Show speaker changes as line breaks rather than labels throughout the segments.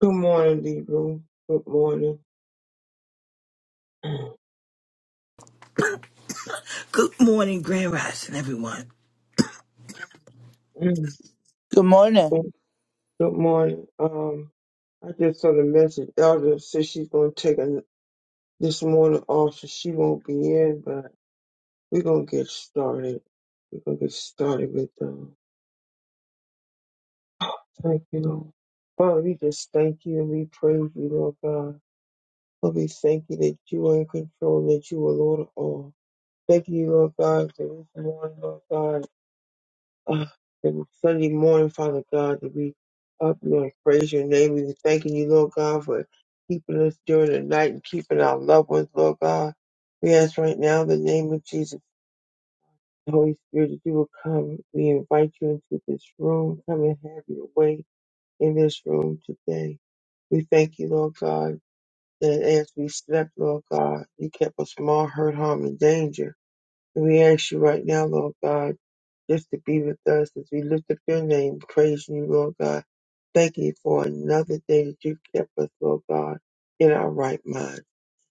Good morning, Debra. Good morning.
Good morning, Grand Rising, everyone.
Good morning.
Good good morning. Um, I just saw the message. Elder said she's gonna take a, this morning off, so she won't be in. But we're gonna get started. We're gonna get started with um. Thank you, Lord. Father, we just thank you and we praise you, Lord God. Lord, we thank you that you are in control, that you are Lord of all. Thank you, Lord God, for this morning, Lord God. Uh, every Sunday morning, Father God, to be up, Lord, praise your name. We were thanking you, Lord God, for keeping us during the night and keeping our loved ones, Lord God. We ask right now in the name of Jesus, Holy Spirit, that you will come. We invite you into this room. Come and have your way in this room today. We thank you, Lord God, that as we slept, Lord God, you kept us from all hurt, harm, and danger. And we ask you right now, Lord God, just to be with us as we lift up your name, Praise you, Lord God. Thank you for another day that you kept us, Lord God, in our right mind.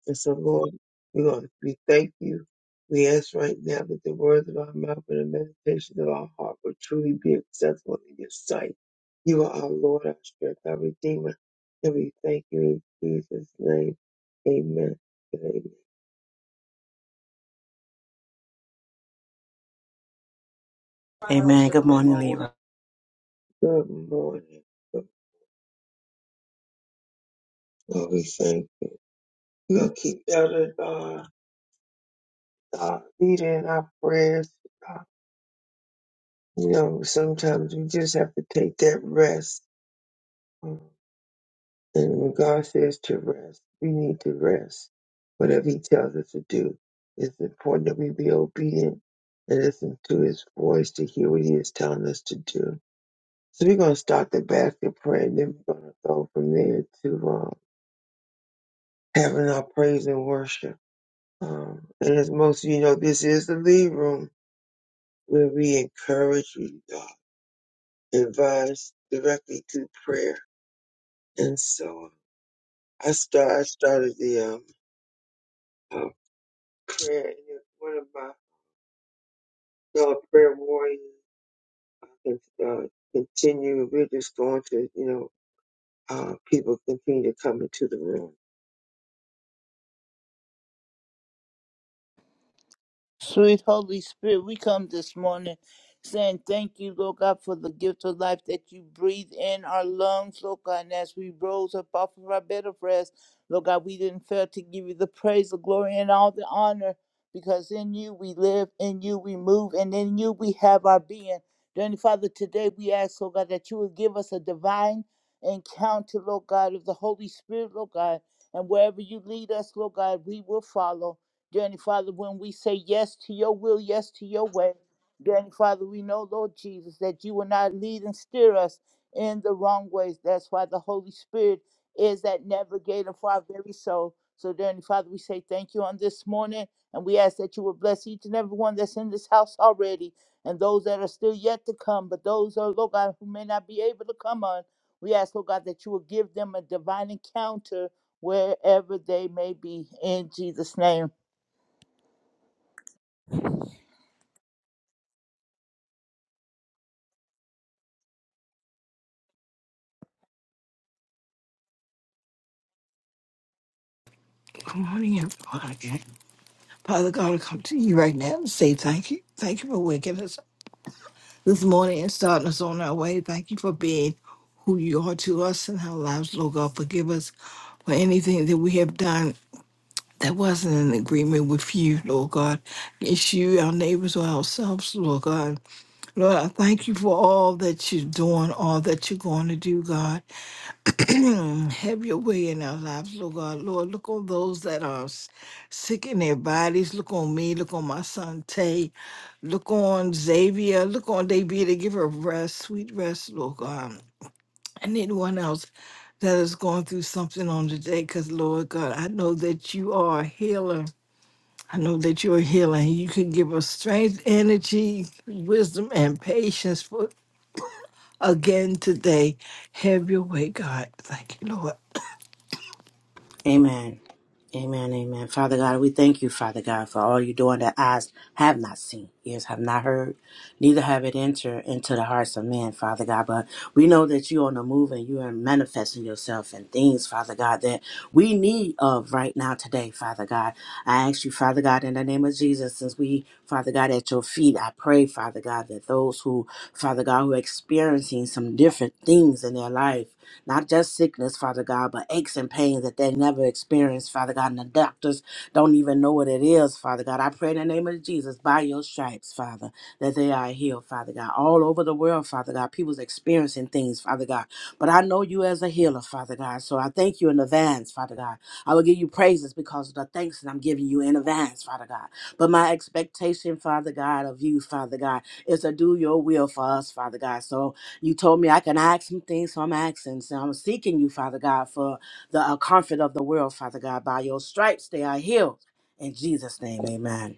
And so, Lord, we want to we thank you. We ask right now that the words of our mouth and the meditation of our heart will truly be acceptable in your sight. You are our Lord, our strength, our Redeemer. And we thank you in Jesus' name. Amen. Amen.
Amen. Good morning, Libra.
Good morning. Lord, we thank you. You'll keep Elder uh, uh, Rita in our prayers. Uh, You know, sometimes we just have to take that rest. Um, And when God says to rest, we need to rest. Whatever He tells us to do, it's important that we be obedient and listen to His voice to hear what He is telling us to do. So we're going to start the basket prayer, and then we're going to go from there to uh, having our praise and worship. Um, and as most of you know, this is the lead room. where we encourage, we uh, advise directly through prayer and so on. I start. I started the um, uh, prayer. and then One of my fellow prayer warriors uh, con- uh, continue. We're just going to, you know, uh, people continue to come into the room.
Sweet Holy Spirit, we come this morning saying thank you, Lord God, for the gift of life that you breathe in our lungs, Lord God. And as we rose up off of our bed of rest, Lord God, we didn't fail to give you the praise, the glory, and all the honor because in you we live, in you we move, and in you we have our being. Dearly Father, today we ask, Lord God, that you would give us a divine encounter, Lord God, of the Holy Spirit, Lord God. And wherever you lead us, Lord God, we will follow. Dearly Father, when we say yes to your will, yes to your way, Dearly Father, we know, Lord Jesus, that you will not lead and steer us in the wrong ways. That's why the Holy Spirit is that navigator for our very soul. So, Dearly Father, we say thank you on this morning, and we ask that you will bless each and every one that's in this house already, and those that are still yet to come, but those, oh Lord God, who may not be able to come on. We ask, Lord God, that you will give them a divine encounter wherever they may be. In Jesus' name.
Good morning, everyone. Again. Father God, I come to you right now and say thank you. Thank you for waking us up this morning and starting us on our way. Thank you for being who you are to us and our lives, Lord God. Forgive us for anything that we have done that wasn't in agreement with you, Lord God. It's you, our neighbors, or ourselves, Lord God. Lord, I thank you for all that you're doing, all that you're going to do, God. Have your way in our lives, Lord God. Lord, look on those that are s- sick in their bodies. Look on me. Look on my son Tay. Look on Xavier. Look on Davida. Give her rest, sweet rest, Lord God. And anyone else that is going through something on today, because Lord God, I know that you are a healer. I know that you're a healer. and You can give us strength, energy, wisdom, and patience for again today. Have your way, God. Thank you, Lord.
Amen. Amen. Amen. Father God, we thank you, Father God, for all you're doing that eyes have not seen, ears have not heard, neither have it entered into the hearts of men, Father God. But we know that you're on the move and you are manifesting yourself in things, Father God, that we need of right now today, Father God. I ask you, Father God, in the name of Jesus, since we, Father God, at your feet, I pray, Father God, that those who, Father God, who are experiencing some different things in their life, not just sickness, Father God, but aches and pains that they never experienced, Father God, and the doctors don't even know what it is, Father God. I pray in the name of Jesus, by your stripes, Father, that they are healed, Father God. All over the world, Father God, people's experiencing things, Father God. But I know you as a healer, Father God, so I thank you in advance, Father God. I will give you praises because of the thanks that I'm giving you in advance, Father God. But my expectation, Father God, of you, Father God, is to do your will for us, Father God. So you told me I can ask some things, so I'm asking. So I'm seeking you, Father God, for the uh, comfort of the world, Father God. By your stripes they are healed. In Jesus' name, amen.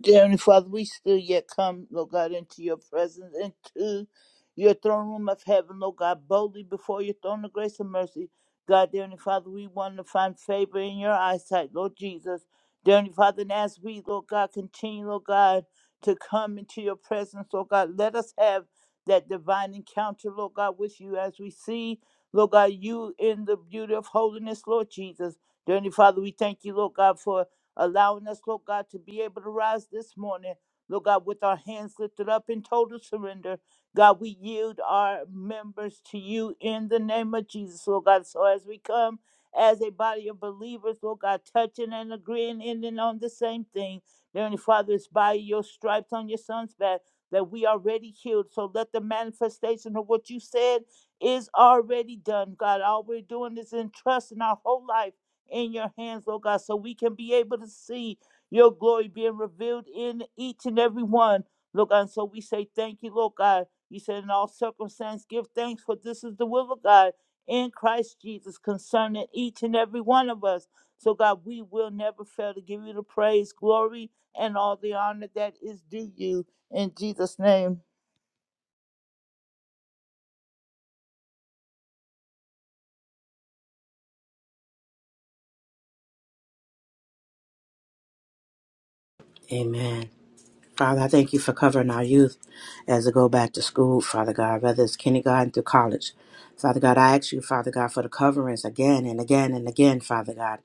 Dear Heavenly Father, we still yet come, Lord God, into your presence, into your throne room of heaven, Lord God, boldly before your throne of grace and mercy. God, dear Heavenly Father, we want to find favor in your eyesight, Lord Jesus. Dear Heavenly Father, and as we, Lord God, continue, Lord God, to come into your presence, Lord God, let us have that divine encounter, Lord God, with you as we see, Lord God, you in the beauty of holiness, Lord Jesus. Dear Heavenly Father, we thank you, Lord God, for allowing us, Lord God, to be able to rise this morning, Lord God, with our hands lifted up in total surrender. God, we yield our members to you in the name of Jesus, Lord God. So as we come as a body of believers, Lord God, touching and agreeing, ending on the same thing. Dear Heavenly Father, it's by your stripes on your son's back that we are already healed. So let the manifestation of what you said is already done, God. All we're doing is entrusting our whole life in your hands, Lord God, so we can be able to see your glory being revealed in each and every one, Lord God. And so we say thank you, Lord God. You said in all circumstances, give thanks, for this is the will of God in Christ Jesus concerning each and every one of us. So, God, we will never fail to give you the praise, glory, and all the honor that is due you in Jesus' name.
Amen. Father, I thank you for covering our youth as they go back to school, Father God, whether it's kindergarten through college. Father God, I ask you, Father God, for the coverings again and again and again, Father God. I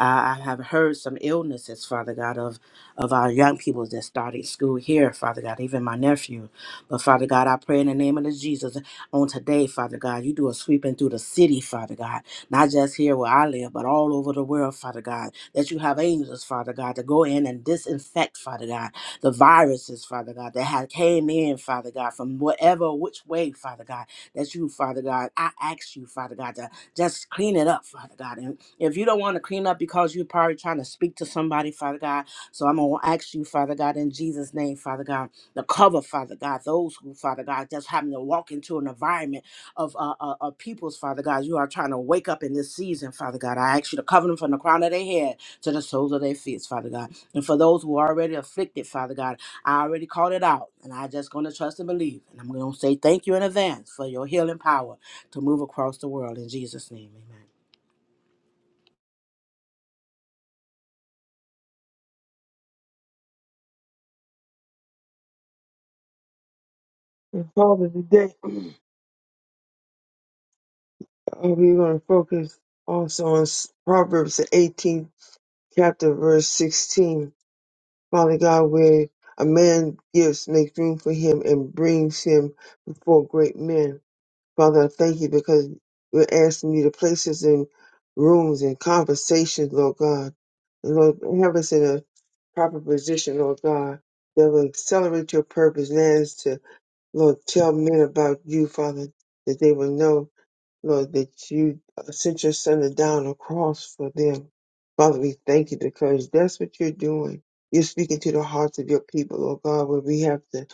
I have heard some illnesses, Father God, of, of our young people that started school here, Father God, even my nephew. But Father God, I pray in the name of the Jesus on today, Father God, you do a sweeping through the city, Father God, not just here where I live, but all over the world, Father God, that you have angels, Father God, to go in and disinfect, Father God, the viruses, Father God, that have came in, Father God, from whatever which way, Father God, that you, Father God, I ask you, Father God, to just clean it up, Father God. And if you don't want to clean up because you're probably trying to speak to somebody, Father God, so I'm gonna ask you, Father God, in Jesus' name, Father God, to cover, Father God, those who, Father God, just having to walk into an environment of uh, uh, uh people's, Father God, you are trying to wake up in this season, Father God. I ask you to cover them from the crown of their head to the soles of their feet, Father God. And for those who are already afflicted, Father God, I already called it out, and I just going to trust and believe. And I'm going to say thank you in advance for your healing power to move across the world. In Jesus' name, amen.
And Father, today uh, we're going to focus also on s- Proverbs the 18th chapter, verse 16 Father God, where a man gives, makes room for him and brings him before great men. Father, I thank you because we're asking you to place us in rooms and conversations, Lord God. And Lord, have us in a proper position, Lord God, that will accelerate your purpose. And that is to, Lord, tell men about you, Father, that they will know Lord, that you uh, sent your son to die on the cross for them. Father, we thank you because that's what you're doing. You're speaking to the hearts of your people, Lord God, where we have to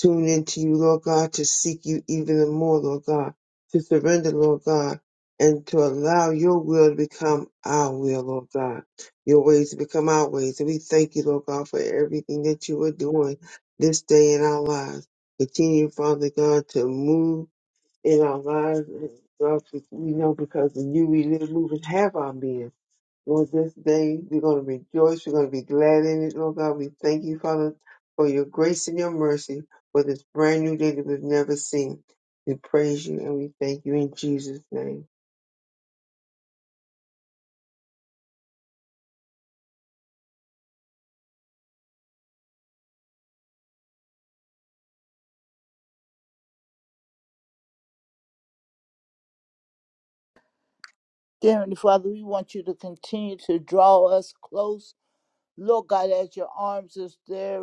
tune into you, Lord God, to seek you even the more, Lord God, to surrender, Lord God, and to allow your will to become our will, Lord God, your ways to become our ways. And we thank you, Lord God, for everything that you are doing this day in our lives. Continue, Father God, to move in our lives. And Lord, we we know because in you we live, move, and have our being. Lord, this day we're going to rejoice. We're going to be glad in it, Lord God. We thank you, Father, for your grace and your mercy for this brand new day that we've never seen. We praise you and we thank you in Jesus' name.
Dear Heavenly Father, we want you to continue to draw us close Lord God, as your arms is there,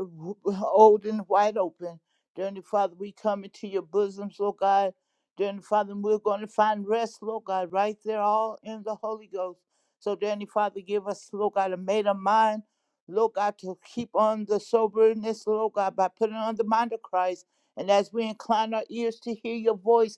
old and wide open. Dear Heavenly Father, we come into your bosoms, Lord God. Dear Heavenly Father, and we're going to find rest, Lord God, right there, all in the Holy Ghost. So, dear Heavenly Father, give us, Lord God, a made of mind, Lord God, to keep on the soberness, Lord God, by putting on the mind of Christ. And as we incline our ears to hear your voice,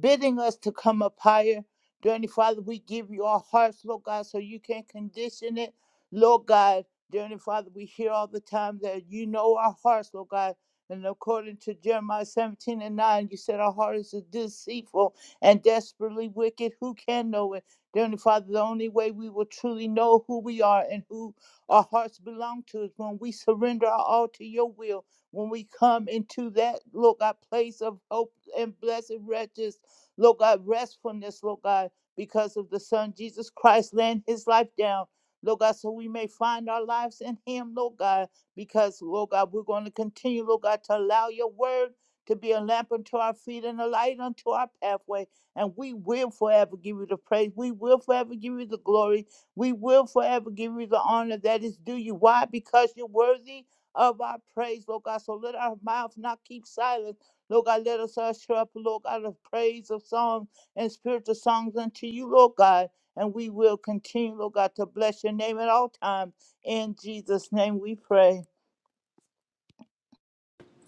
bidding us to come up higher, dear Heavenly Father, we give you our hearts, Lord God, so you can condition it, Lord God. Dear Heavenly Father, we hear all the time that you know our hearts, Lord God. And according to Jeremiah 17 and 9, you said our heart is deceitful and desperately wicked. Who can know it? Dear Heavenly Father, the only way we will truly know who we are and who our hearts belong to is when we surrender our all to your will. When we come into that, Lord God, place of hope and blessed wretches, Lord God, restfulness, Lord God, because of the Son Jesus Christ laying his life down Lord God, so we may find our lives in Him, Lord God, because, Lord God, we're going to continue, Lord God, to allow your word to be a lamp unto our feet and a light unto our pathway. And we will forever give you the praise. We will forever give you the glory. We will forever give you the honor that is due you. Why? Because you're worthy of our praise, Lord God. So let our mouth not keep silent. Lord God, let us usher up, Lord God, of praise of songs and spiritual songs unto you, Lord God. And we will continue, Lord God, to bless your name at all times. In Jesus' name we pray.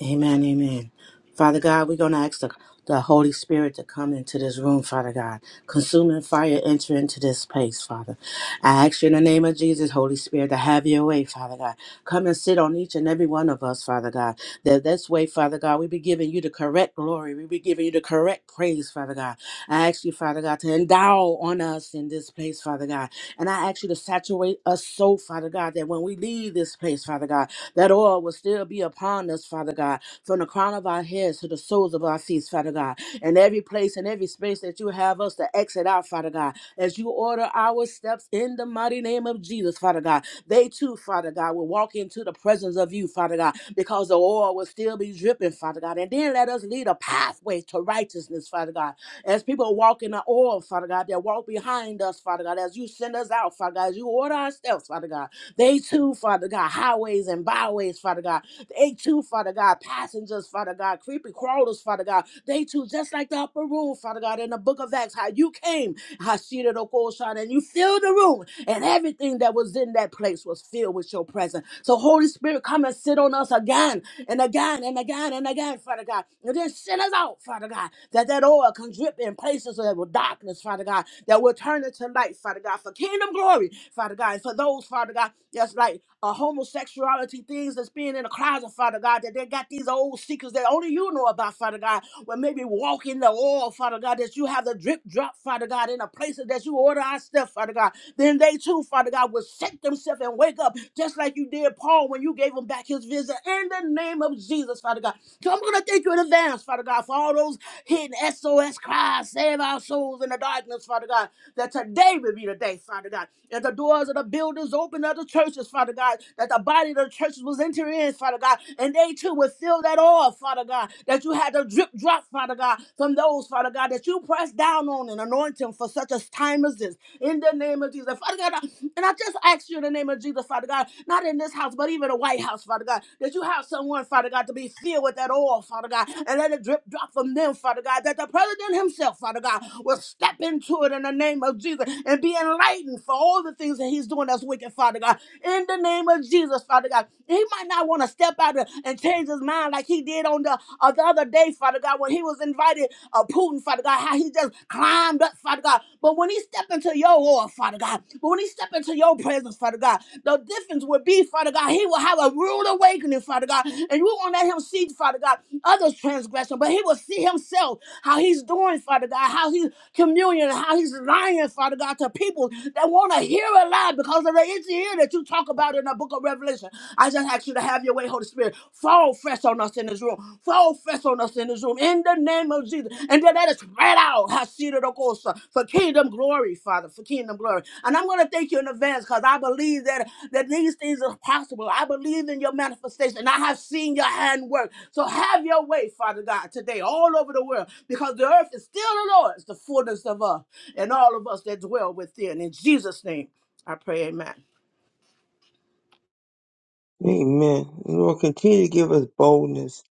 Amen, amen. Father God, we're going to ask the, the Holy Spirit to come into this room, Father God. Consuming fire, enter into this place, Father. I ask you in the name of Jesus, Holy Spirit, to have your way, Father God. Come and sit on each and every one of us, Father God. That this way, Father God, we be giving you the correct glory. We be giving you the correct praise, Father God. I ask you, Father God, to endow on us in this place, Father God. And I ask you to saturate us so, Father God, that when we leave this place, Father God, that oil will still be upon us, Father God, from the crown of our heads to the soles of our feet, Father God. And every place and every space that you have us to exit out, Father God, as you order our steps in the mighty name of Jesus, Father God. They too, Father God, will walk into the presence of you, Father God, because the oil will still be dripping, Father God. And then let us lead a pathway to righteousness, Father God. As people walk in the oil, Father God, they walk behind us, Father God, as you send us out, Father God, as you order our steps, Father God. They too, Father God, highways and byways, Father God. They too, Father God, passengers, Father God, creepy crawlers, Father God. They too, just like the upper room, Father God, in the book of Acts, how you came, Hashira Dokoshan, and you filled the room, and everything that was in that place was filled with your presence. So, Holy Spirit, come and sit on us again and again and again and again, Father God. And then send us out, Father God, that that oil can drip in places that were darkness, Father God, that will turn into light, Father God, for kingdom glory, Father God. And for those, Father God, that's like uh, homosexuality things that's being in the closet, Father God, that they got these old secrets that only you know about, Father God, well, maybe walk in the oil, Father God, that you have the drip drop, Father God, in the places that you order our stuff, Father God. Then they too, Father God, will forsake themselves and wake up, just like you did Paul when you gave him back his vision in the name of Jesus, Father God. So I'm going to thank you in advance, Father God, for all those hidden SOS cries, save our souls in the darkness, Father God, that today will be the day, Father God, that the doors of the buildings open of the churches, Father God, that the body of the churches was entering in, Father God, and they too will feel that oil, Father God, that you had to drip drop, Father God, from those, Father God, that you pressed down down on and anoint him for such a time as this. In the name of Jesus. Father God, I- and I just ask you in the name of Jesus, Father God, not in this house, but even the White House, Father God, that you have someone, Father God, to be filled with that oil, Father God, and let it drip drop from them, Father God, that the president himself, Father God, will step into it in the name of Jesus and be enlightened for all the things that he's doing that's wicked, Father God. In the name of Jesus, Father God, he might not want to step out and and change his mind like he he did on the, uh, the other day, Father God, when he was invited, uh, Putin, Father God, how he just climbed up, Father God. But when he step into your oil, Father God, but when he step into your presence, Father God, the difference would be, Father God, he will have a rude awakening, Father God, and you won't let him see, Father God, others' transgression, but he will see himself, how he's doing, Father God, how he's communion, how he's lying, Father God, to people that want to hear a lie because of the itchy ear that you that you talk about in the book of Revelation. I just ask you to have your way, Holy Spirit. Fall fresh on us in this room. Fall fresh on us in this room. In the name of Jesus. And then let us spread out Hashira Dokosa for kingdom glory, Father, for kingdom glory. And I'm going to thank you in advance because I believe that, that these things are possible. I believe in your manifestation. I have seen your hand work. So have your way, Father God, today all over the world because the earth is still the Lord's, the fullness of us, and all of us that dwell within. In Jesus' name, I pray, amen.
Amen. Lord, continue to give us boldness,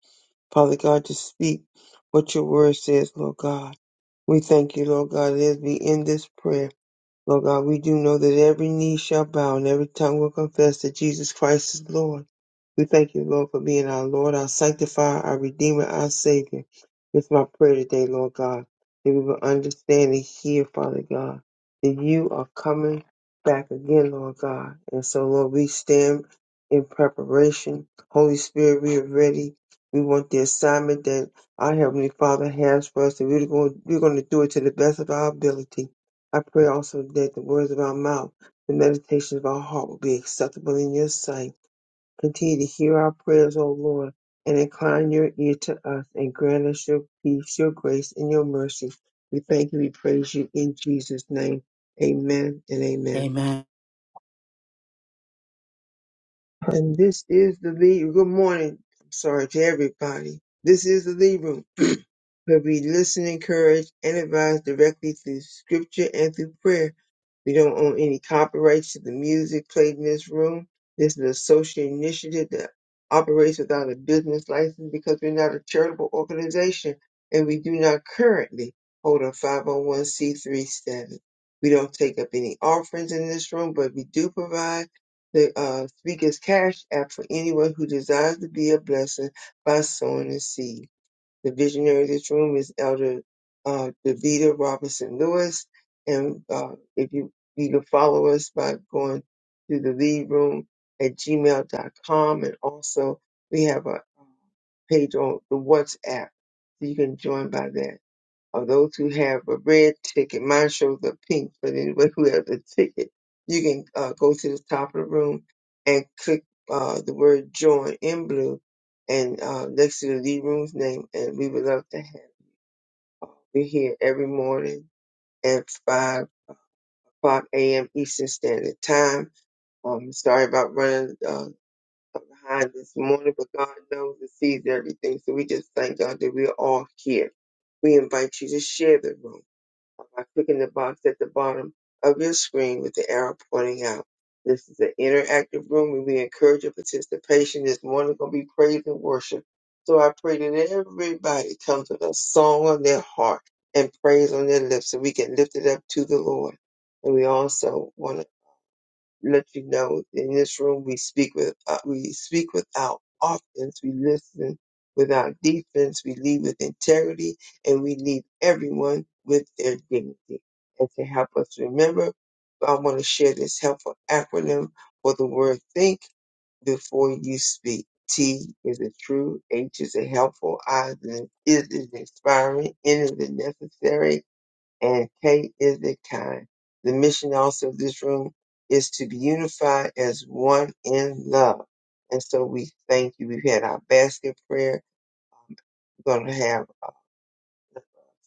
Father God, to speak what your word says, Lord God. We thank you, Lord God, as we end this prayer. Lord God, we do know that every knee shall bow and every tongue will confess that Jesus Christ is Lord. We thank you, Lord, for being our Lord, our sanctifier, our redeemer, our savior. It's my prayer today, Lord God, that we will understand and hear, Father God, that you are coming back again, Lord God. And so, Lord, we stand in preparation. Holy Spirit, we are ready. We want the assignment that our Heavenly Father has for us, and we're going, we're going to do it to the best of our ability. I pray also that the words of our mouth, the meditations of our heart will be acceptable in your sight. Continue to hear our prayers, O Lord, and incline your ear to us and grant us your peace, your grace, and your mercy. We thank you, we praise you in Jesus' name. Amen and amen. And this is the lead. Good morning. I'm sorry to everybody. This is the lead room where we listen, encourage, and advise directly through scripture and through prayer. We don't own any copyrights to the music played in this room. This is a social initiative that operates without a business license because we're not a charitable organization and we do not currently hold a 501c3 status. We don't take up any offerings in this room, but we do provide the uh, speak cash app for anyone who desires to be a blessing by sowing a seed. The visionary of this room is Elder uh, Davida Robinson Lewis. And uh, if you, you can follow us by going to the lead room at gmail.com. And also, we have a uh, page on the WhatsApp. So you can join by that or those who have a red ticket. Mine shows up pink, but anyway, who has a ticket, you can uh, go to the top of the room and click uh, the word join in blue and uh, next to the lead room's name. And we would love to have you. We're here every morning at 5 o'clock a.m. Eastern Standard Time. Um, sorry about running uh, behind this morning, but God knows and sees everything. So we just thank God that we're all here. We invite you to share the room by clicking the box at the bottom of your screen with the arrow pointing out. This is an interactive room and we encourage your participation. This morning going to be praise and worship. So I pray that everybody comes with a song on their heart and praise on their lips so we can lift it up to the Lord. And we also want to let you know in this room we speak with uh, we speak without offense, we listen without defense, we lead with integrity, and we lead everyone with their dignity. And to help us remember, I want to share this helpful acronym for the word think before you speak. T is a true, H is a helpful, I is an is is inspiring, N is a necessary, and K is the kind. The mission also of this room is to be unified as one in love. And so we thank you. We've had our basket prayer. We're going to have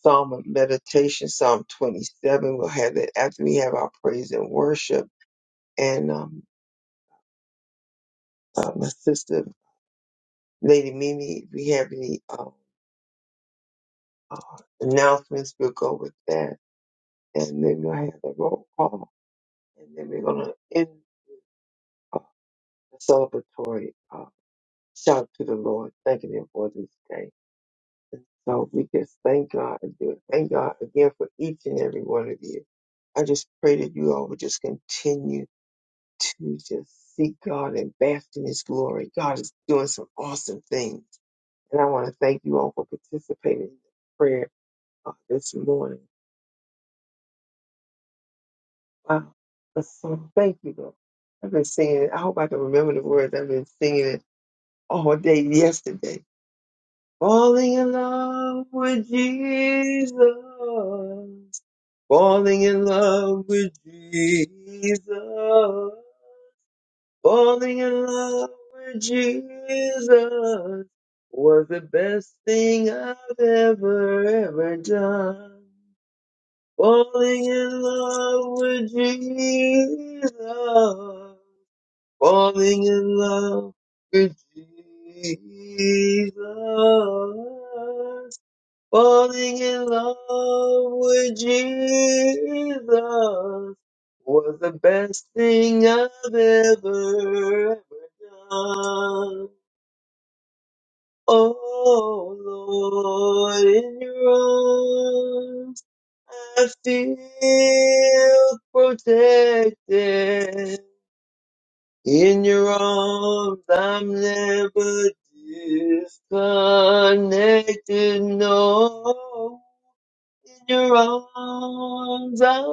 Psalm of meditation, Psalm 27. We'll have that after we have our praise and worship. And um, uh, my sister, Lady Mimi, if we have any uh, uh, announcements, we'll go with that. And then we'll have the roll call. And then we're going to end uh, the celebratory. uh, Shout to the Lord, thanking Him for this day. And so we just thank God and do it. Thank God again for each and every one of you. I just pray that you all would just continue to just seek God and bask in His glory. God is doing some awesome things. And I want to thank you all for participating in the prayer uh, this morning. Wow. That's So thank you, Lord. I've been singing it. I hope I can remember the words. I've been singing it all day yesterday. Falling in love with Jesus. Falling in love with Jesus. Falling in love with Jesus was the best thing I've ever, ever done. Falling in love with Jesus. Falling in love with Jesus. Falling in love with Jesus was the best thing I've ever, ever done. Oh Lord, in your arms I feel protected. In your arms, I'm never disconnected. No, in your arms, I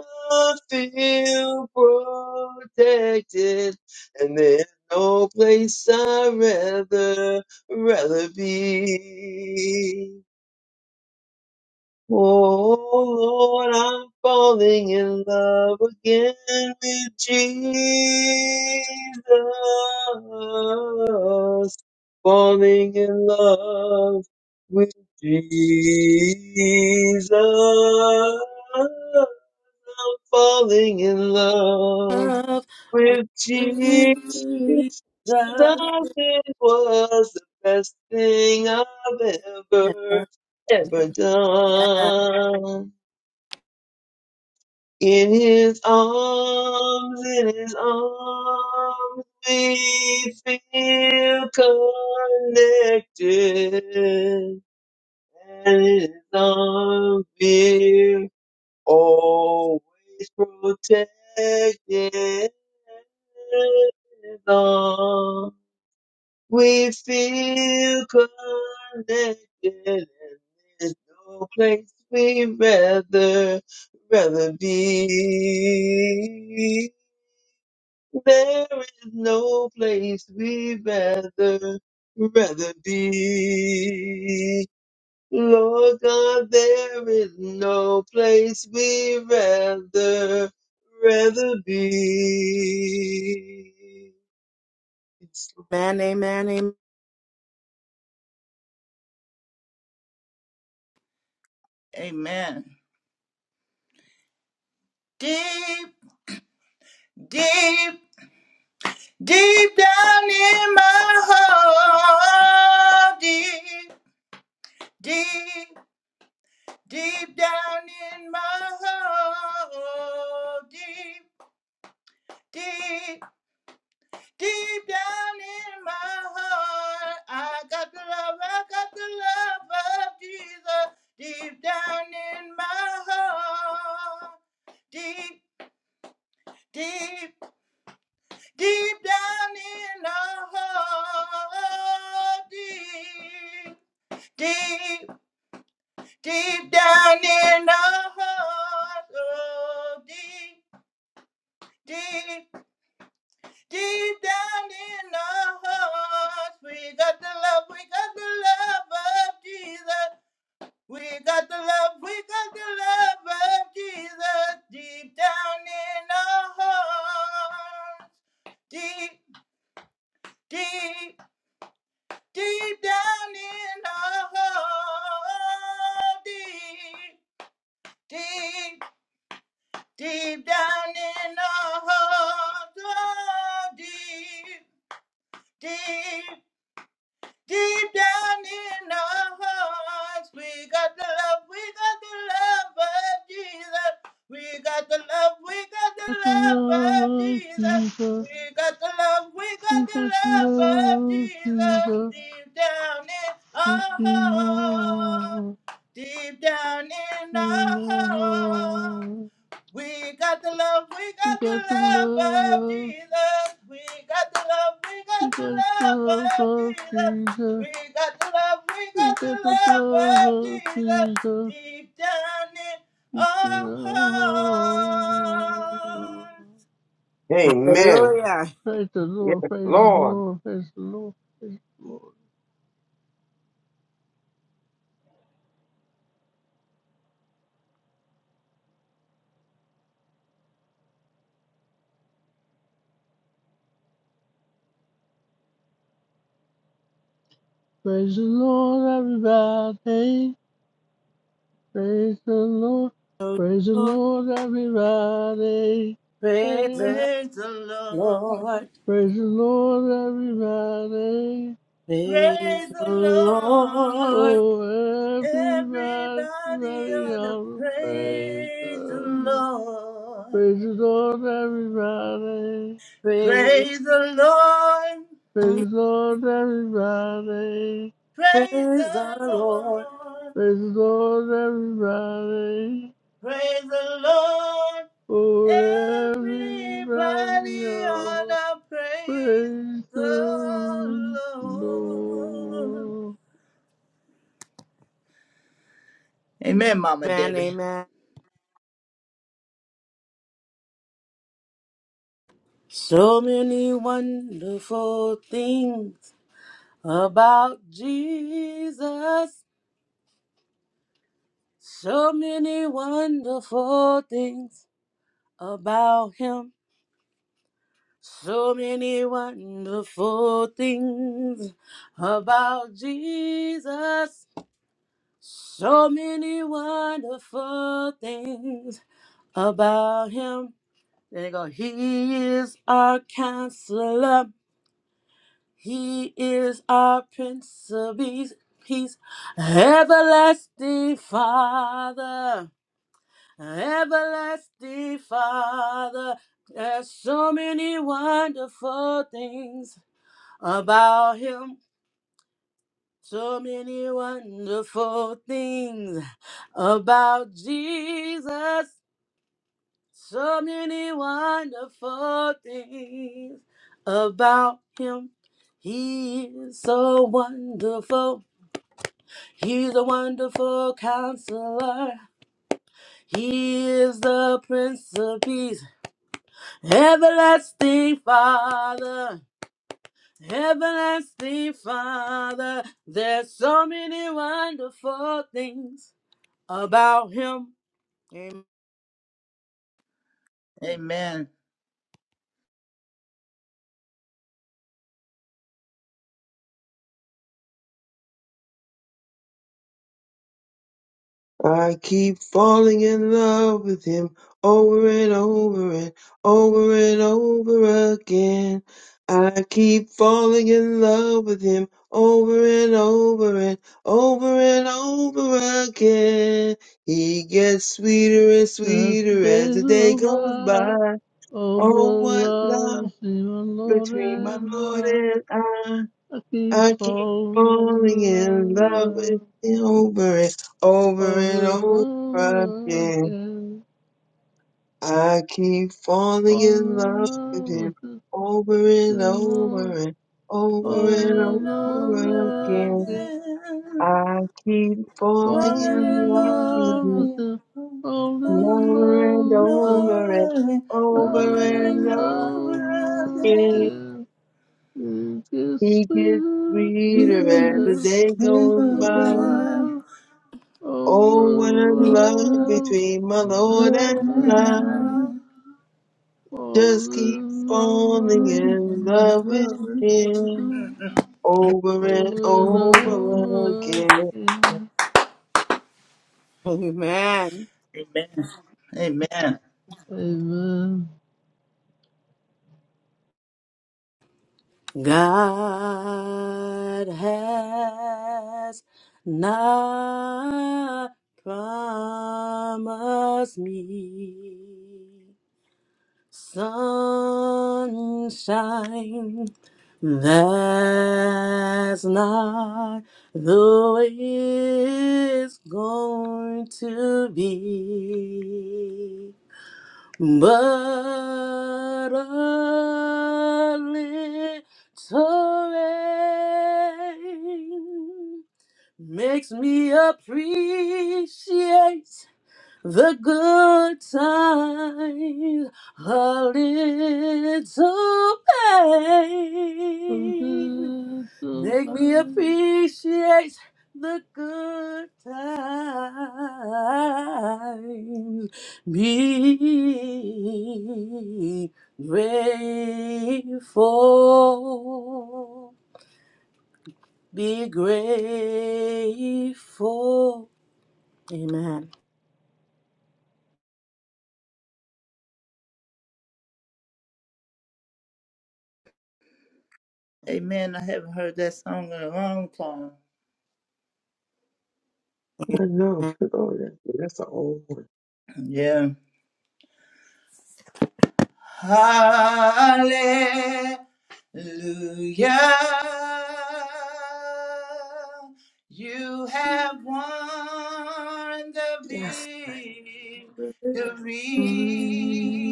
feel protected, and there's no place I'd rather rather be. Oh Lord, I'm falling in love again with Jesus. Falling in love with Jesus. I'm falling in love.
of
With Jesus,
victory.
it was the best thing I've ever, ever done. In his arms, in his arms, we feel connected. And in his arms, always protected. Lord. We feel connected, and there's no place we'd rather, rather be. There is no place we'd rather, rather be. Lord God, there is no place we'd rather, rather be.
Amen, amen, amen.
Amen. Deep, deep, deep down in my heart. Deep, deep, deep down in my heart. Deep, deep. Deep down in my heart, I got the love, I got the love of Jesus. Deep down in my heart, deep, deep, deep down in my heart, deep, deep, deep down in my heart, oh, deep deep, Deep down in our hearts, we got the love, we got the love of Jesus. We got the love, we got the love of Jesus. Deep down in our hearts, deep, deep, deep down in our hearts, deep, deep, deep down in our hearts, oh, deep, deep. Deep down in our hearts, we got the love, we got the love of Jesus. We got the love, we got the
the
love of
love of
Jesus.
Jesus.
We got the love, we got
We
the
have the
love of
love of
Jesus.
Jesus
Deep down in our
within
hearts,
us,
deep down in
in
our hearts.
my heart.
We got the love, we
We
got the
got the
love
love
of
of,
Jesus. We got the love, we got
we
the
got the
love
love
of
of
Jesus.
Jesus.
We got the love, we
We
got the
got the
love
love
of
of
Jesus.
Jesus
Deep down in
within
our hearts.
us.
Amen.
Hallelujah.
Praise the
Yes,
Lord, praise the
Lord.
Lord, praise the Lord, praise the Lord. Praise the Lord, everybody. Praise the Lord.
The
Praise the
Lord,
Lord, everybody.
Praise
Hey,
the
Praise the Lord.
Lord.
praise the Lord, everybody.
Praise
Praise
the
the Lord.
Lord.
Oh, everybody,
Everybody
everybody
ought to
ought to praise the
praise the
Lord.
Lord.
Praise the Lord, everybody.
Praise
Praise the Lord.
the,
Praise the Lord, everybody.
Praise the
praise the Lord.
Lord.
Praise the Lord, everybody.
Praise the Lord.
Oh, everybody on
Everybody
the
ought to praise
Praise
the
the
Lord.
Lord.
Amen, Mama
Amen,
Debbie.
amen. So many wonderful things about Jesus. So many wonderful things about him. So many wonderful things about Jesus. So many wonderful things about him. There you go. He is our counselor. He is our prince of peace. Peace. Everlasting Father. Everlasting Father. There's so many wonderful things about him. So many wonderful things about Jesus. So many wonderful things about him. He is so wonderful. He's a wonderful counselor. He is the Prince of Peace, everlasting Father. Everlasting Father, there's so many wonderful things about Him.
Amen.
I keep falling in love with him over and over and over and over again. I keep falling in love with him over and over and over and over again. He gets sweeter and
That the
sweeter as
days
the day
go
goes
by.
by.
Of
Oh,
the
what love
love seen, the Lord
between my
and
Lord
I.
and I.
I keep
I keep
following the
falling in love
love
with you over and over
over
and
and
over
love
again.
again.
I keep falling
Over
in love
and
with
over
him over and
again.
over and over
Over
Over
and
and
and over
over
love
again.
again.
again.
I keep
Over
falling
Falling
in
and
in
love
over
with
love
him
with
again.
him.
Over
Falling in
and
over and
love with him.
over
over
and
again.
It
over
Over
and
and
over
over again.
again.
gets
He gets
sweeter,
sweeter as
Amen.
the
sweeter,
day goes by.
over,
Oh,
over
what a love
love.
between my
You're
Lord
more
and
than
I.
I fall
Just keep
in
falling
love.
in love with Him over and
Over and
over
over
again.
again.
Amen.
Amen.
Amen.
God has not promised me. sunshine. That's not the way it's going to be. But a little rain makes me appreciate the good times, a little
I'm
pain.
here to
Make me
pray.
appreciate the good times. Be grateful. Be grateful. Amen.
Amen. I haven't heard that song in a long time.
I know. Oh, that- that's an old one.
Yeah. Hallelujah. You have won the
Yes.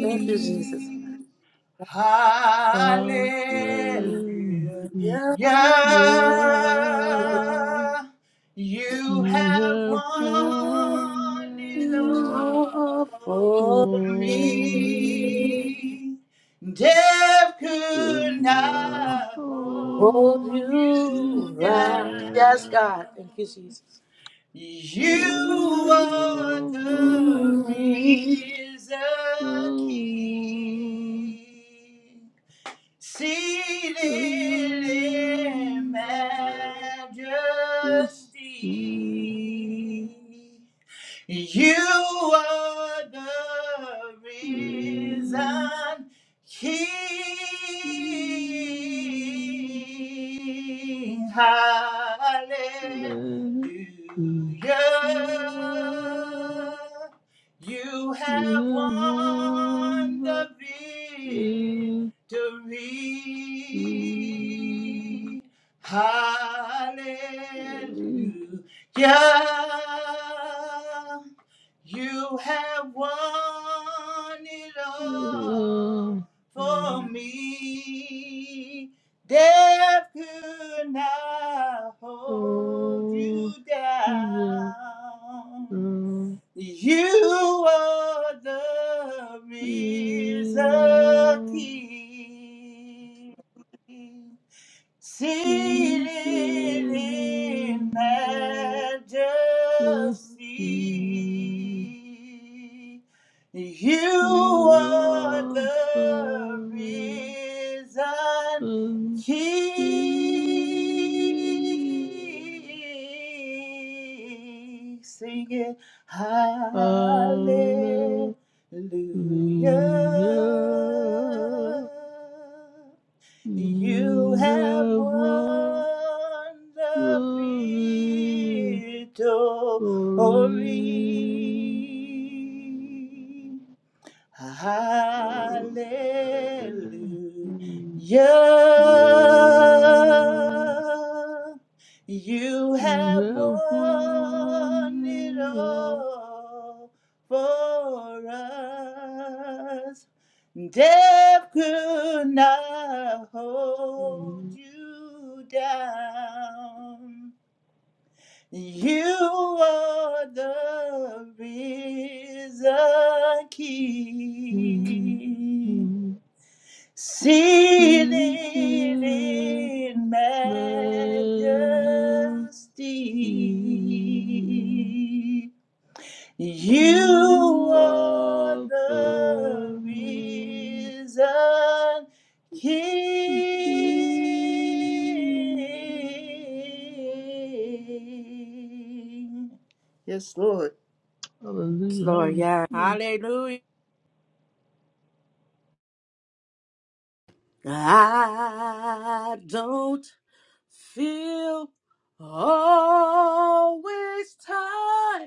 Thank you, Jesus.
Hallelujah.
I'm
Hold
praying. Yeah,
You
you
have
have
won
won
it
it all
all for
for me.
me. Death
But
could
now
not hold
hold
you
you
you right.
down.
Yes, God.
down.
Thank you, Jesus.
You are the
Yes,
reason
Someone
key seated in
to see.
majesty. You are the reason, King.
Let the
Hallelujah.
air
You have
give on
won
the
the
fifty. Let the
victory. Hallelujah. Yeah, you have won it all for me. Death could not hold
old
you
generation
down. You are the risen King
see the
seated in majesty. You
be
are the risen
with you.
King.
Hallelujah.
Sing it, hallelujah.
You
You have
have
won the
won
victory.
the
Hallelujah.
victory. Hallelujah.
You
You
have
have won
won it all for us. Death could not hold you down. You are the risen
the
King,
victory.
seated
You feel
in
majesty.
majesty. You
You
are
are
the
the
reason,
King.
King. Yes, Lord.
Hallelujah,
Lord, yeah.
hallelujah.
Hallelujah. I don't feel always tired.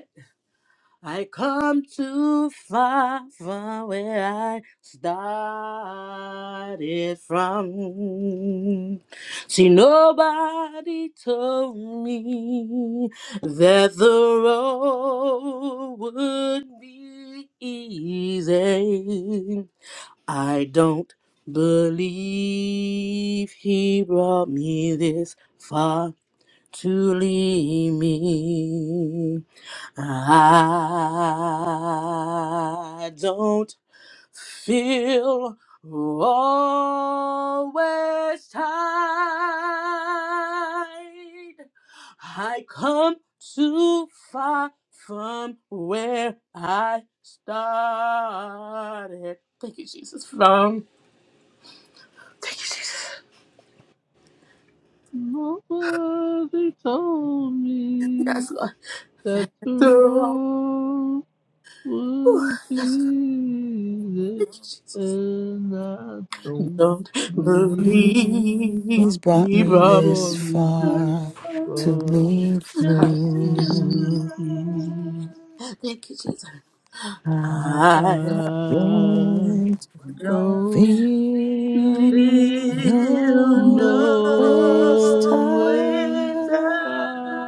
I come too far from where I started from. See, nobody told me that the road would be easy. I don't believe he brought me this far to lead me. I don't feel always tied. I come too far from where I started. Thank you, Jesus. From thank you, Jesus.
Nobody told me
Yes, Lord.
that the
The wrong.
road would be there,
Thank you, Jesus.
and I don't
Don't
He's
believe
believe
brought me
he
on me.
this
brought me this
far to
far.
leave
I
me.
thank you, Jesus.
I
I
I
don't
Don't
don't
feel
see
feel
no waste
no
no way
waste
time.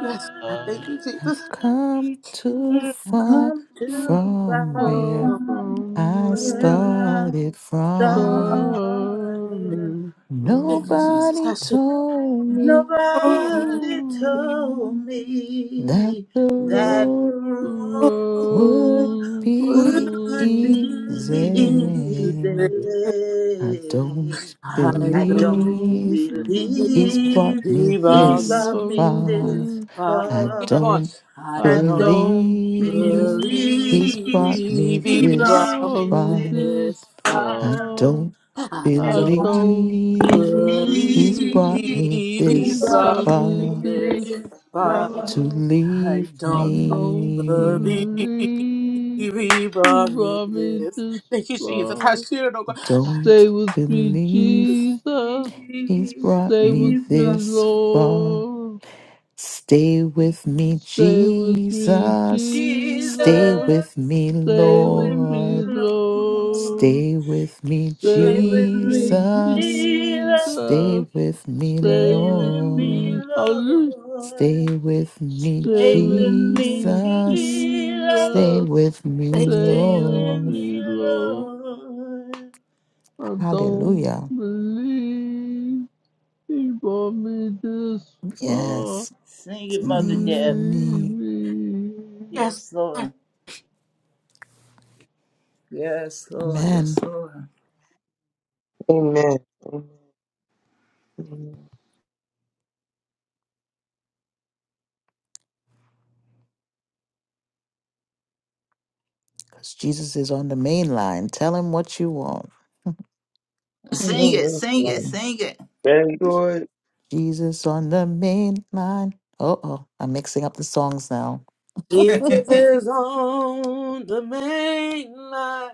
yes, I thank you,
I've
Jesus.
come too
Mm.
I've
far
Come
too
too far
from
far
where
Oh,
from
from
I
where
where I
started from.
started.
sorry.
thank you,
from.
Jesus.
Nobody
I should
told me
only
Nobody told
that
me
the
know
that the
road would
road
what
be
would be
it is.
easy. I don't
easy.
I
I
don't
don't
believe he's brought
believe
me
believe
he
on me.
this
brought me
far.
this
But
I
keep
far.
going.
don't
I
I
I
don't
don't
don't
believe
believe
believe
he's brought me
believe
he
he
this
brought
on
brought
me
me
far.
this
this
this far.
far.
I
far.
don't
I
I
I
don't
don't
don't
believe he's
Believe
brought
believe
believe
me
he
he
he
this
brought
brought
brought
me
me
far
me
this
this
this
far.
far.
to
far.
I
leave
I
don't
don't
me.
believe
believe.
he
He
brought me
brought me
this.
this
Thank you, Jesus. I
far.
sure don't. go- I
Don't
Stay with me,
believe.
Jesus.
He's
Believe
brought
Stay with
me
he
me,
brought
this far.
Lord.
Stay with me,
Stay with me,
Jesus.
Jesus.
Stay
Jesus.
with me,
Stay
Stay with
with me,
me,
Lord.
Lord.
Lord.
Stay with me,
Stay
Stay
with
with me,
me,
Jesus.
Jesus.
Jesus.
Stay with me,
Stay
Stay
with
with me,
Lord.
me, Hallelujah.
Lord.
Stay with me,
Stay
Stay with
with
me,
me,
Jesus.
Jesus.
Stay
Jesus.
with me,
thank
Stay
Stay
with
with
Lord.
me,
me,
Lord.
Lord.
I don't
Hallelujah.
believe he brought me this far
Yes.
Sing
To
it,
to
Mother
leave
Deb.
leave
me.
me.
yes.
Yes, Lord. Yes, Lord. Yes,
Amen.
Lord.
Amen. Amen.
'Cause Jesus is on the main line. Tell him what you want.
I
Sing
know
it,
that's
sing it,
right.
Mhm.
sing it.
Thank God.
Jesus on the main line. Uh oh, I'm mixing up the songs now.
Jesus is on the main line.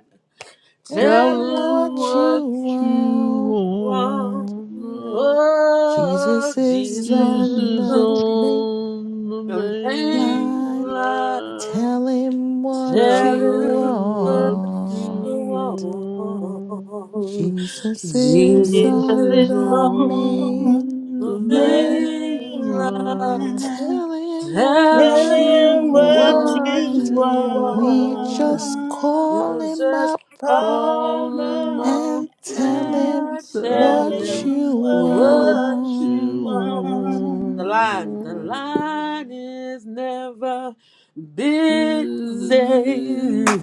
Tell
Tell
Tell
him
him
him
what
what
what
you
you
you
want.
want.
want.
Oh,
Jesus is
Jesus
on
is
Jesus
the
on
main
on the
the main
main
line.
line.
Tell him what
Tell
you
Tell
him
him.
what
want.
you want.
Lord.
Jesus
Jesus
is
Jesus
Jesus
is
on
is
the
Lord.
on
on
the
The
main line.
main
main
line.
mainland.
Tell him
Tell
what
Tell
him
Tell
you
him
them
what
what
what
you
want.
you
you
We
want.
just
want.
want.
call
You
him
just
up
Call
Call
call
him
them
him up
up
up
and tell
and
him
and
and
tell
tell
tell
what
him
them
him
you
what
what
what
you
you
you
want,
want. The
want.
line, the
want.
line is never busy.
Busy,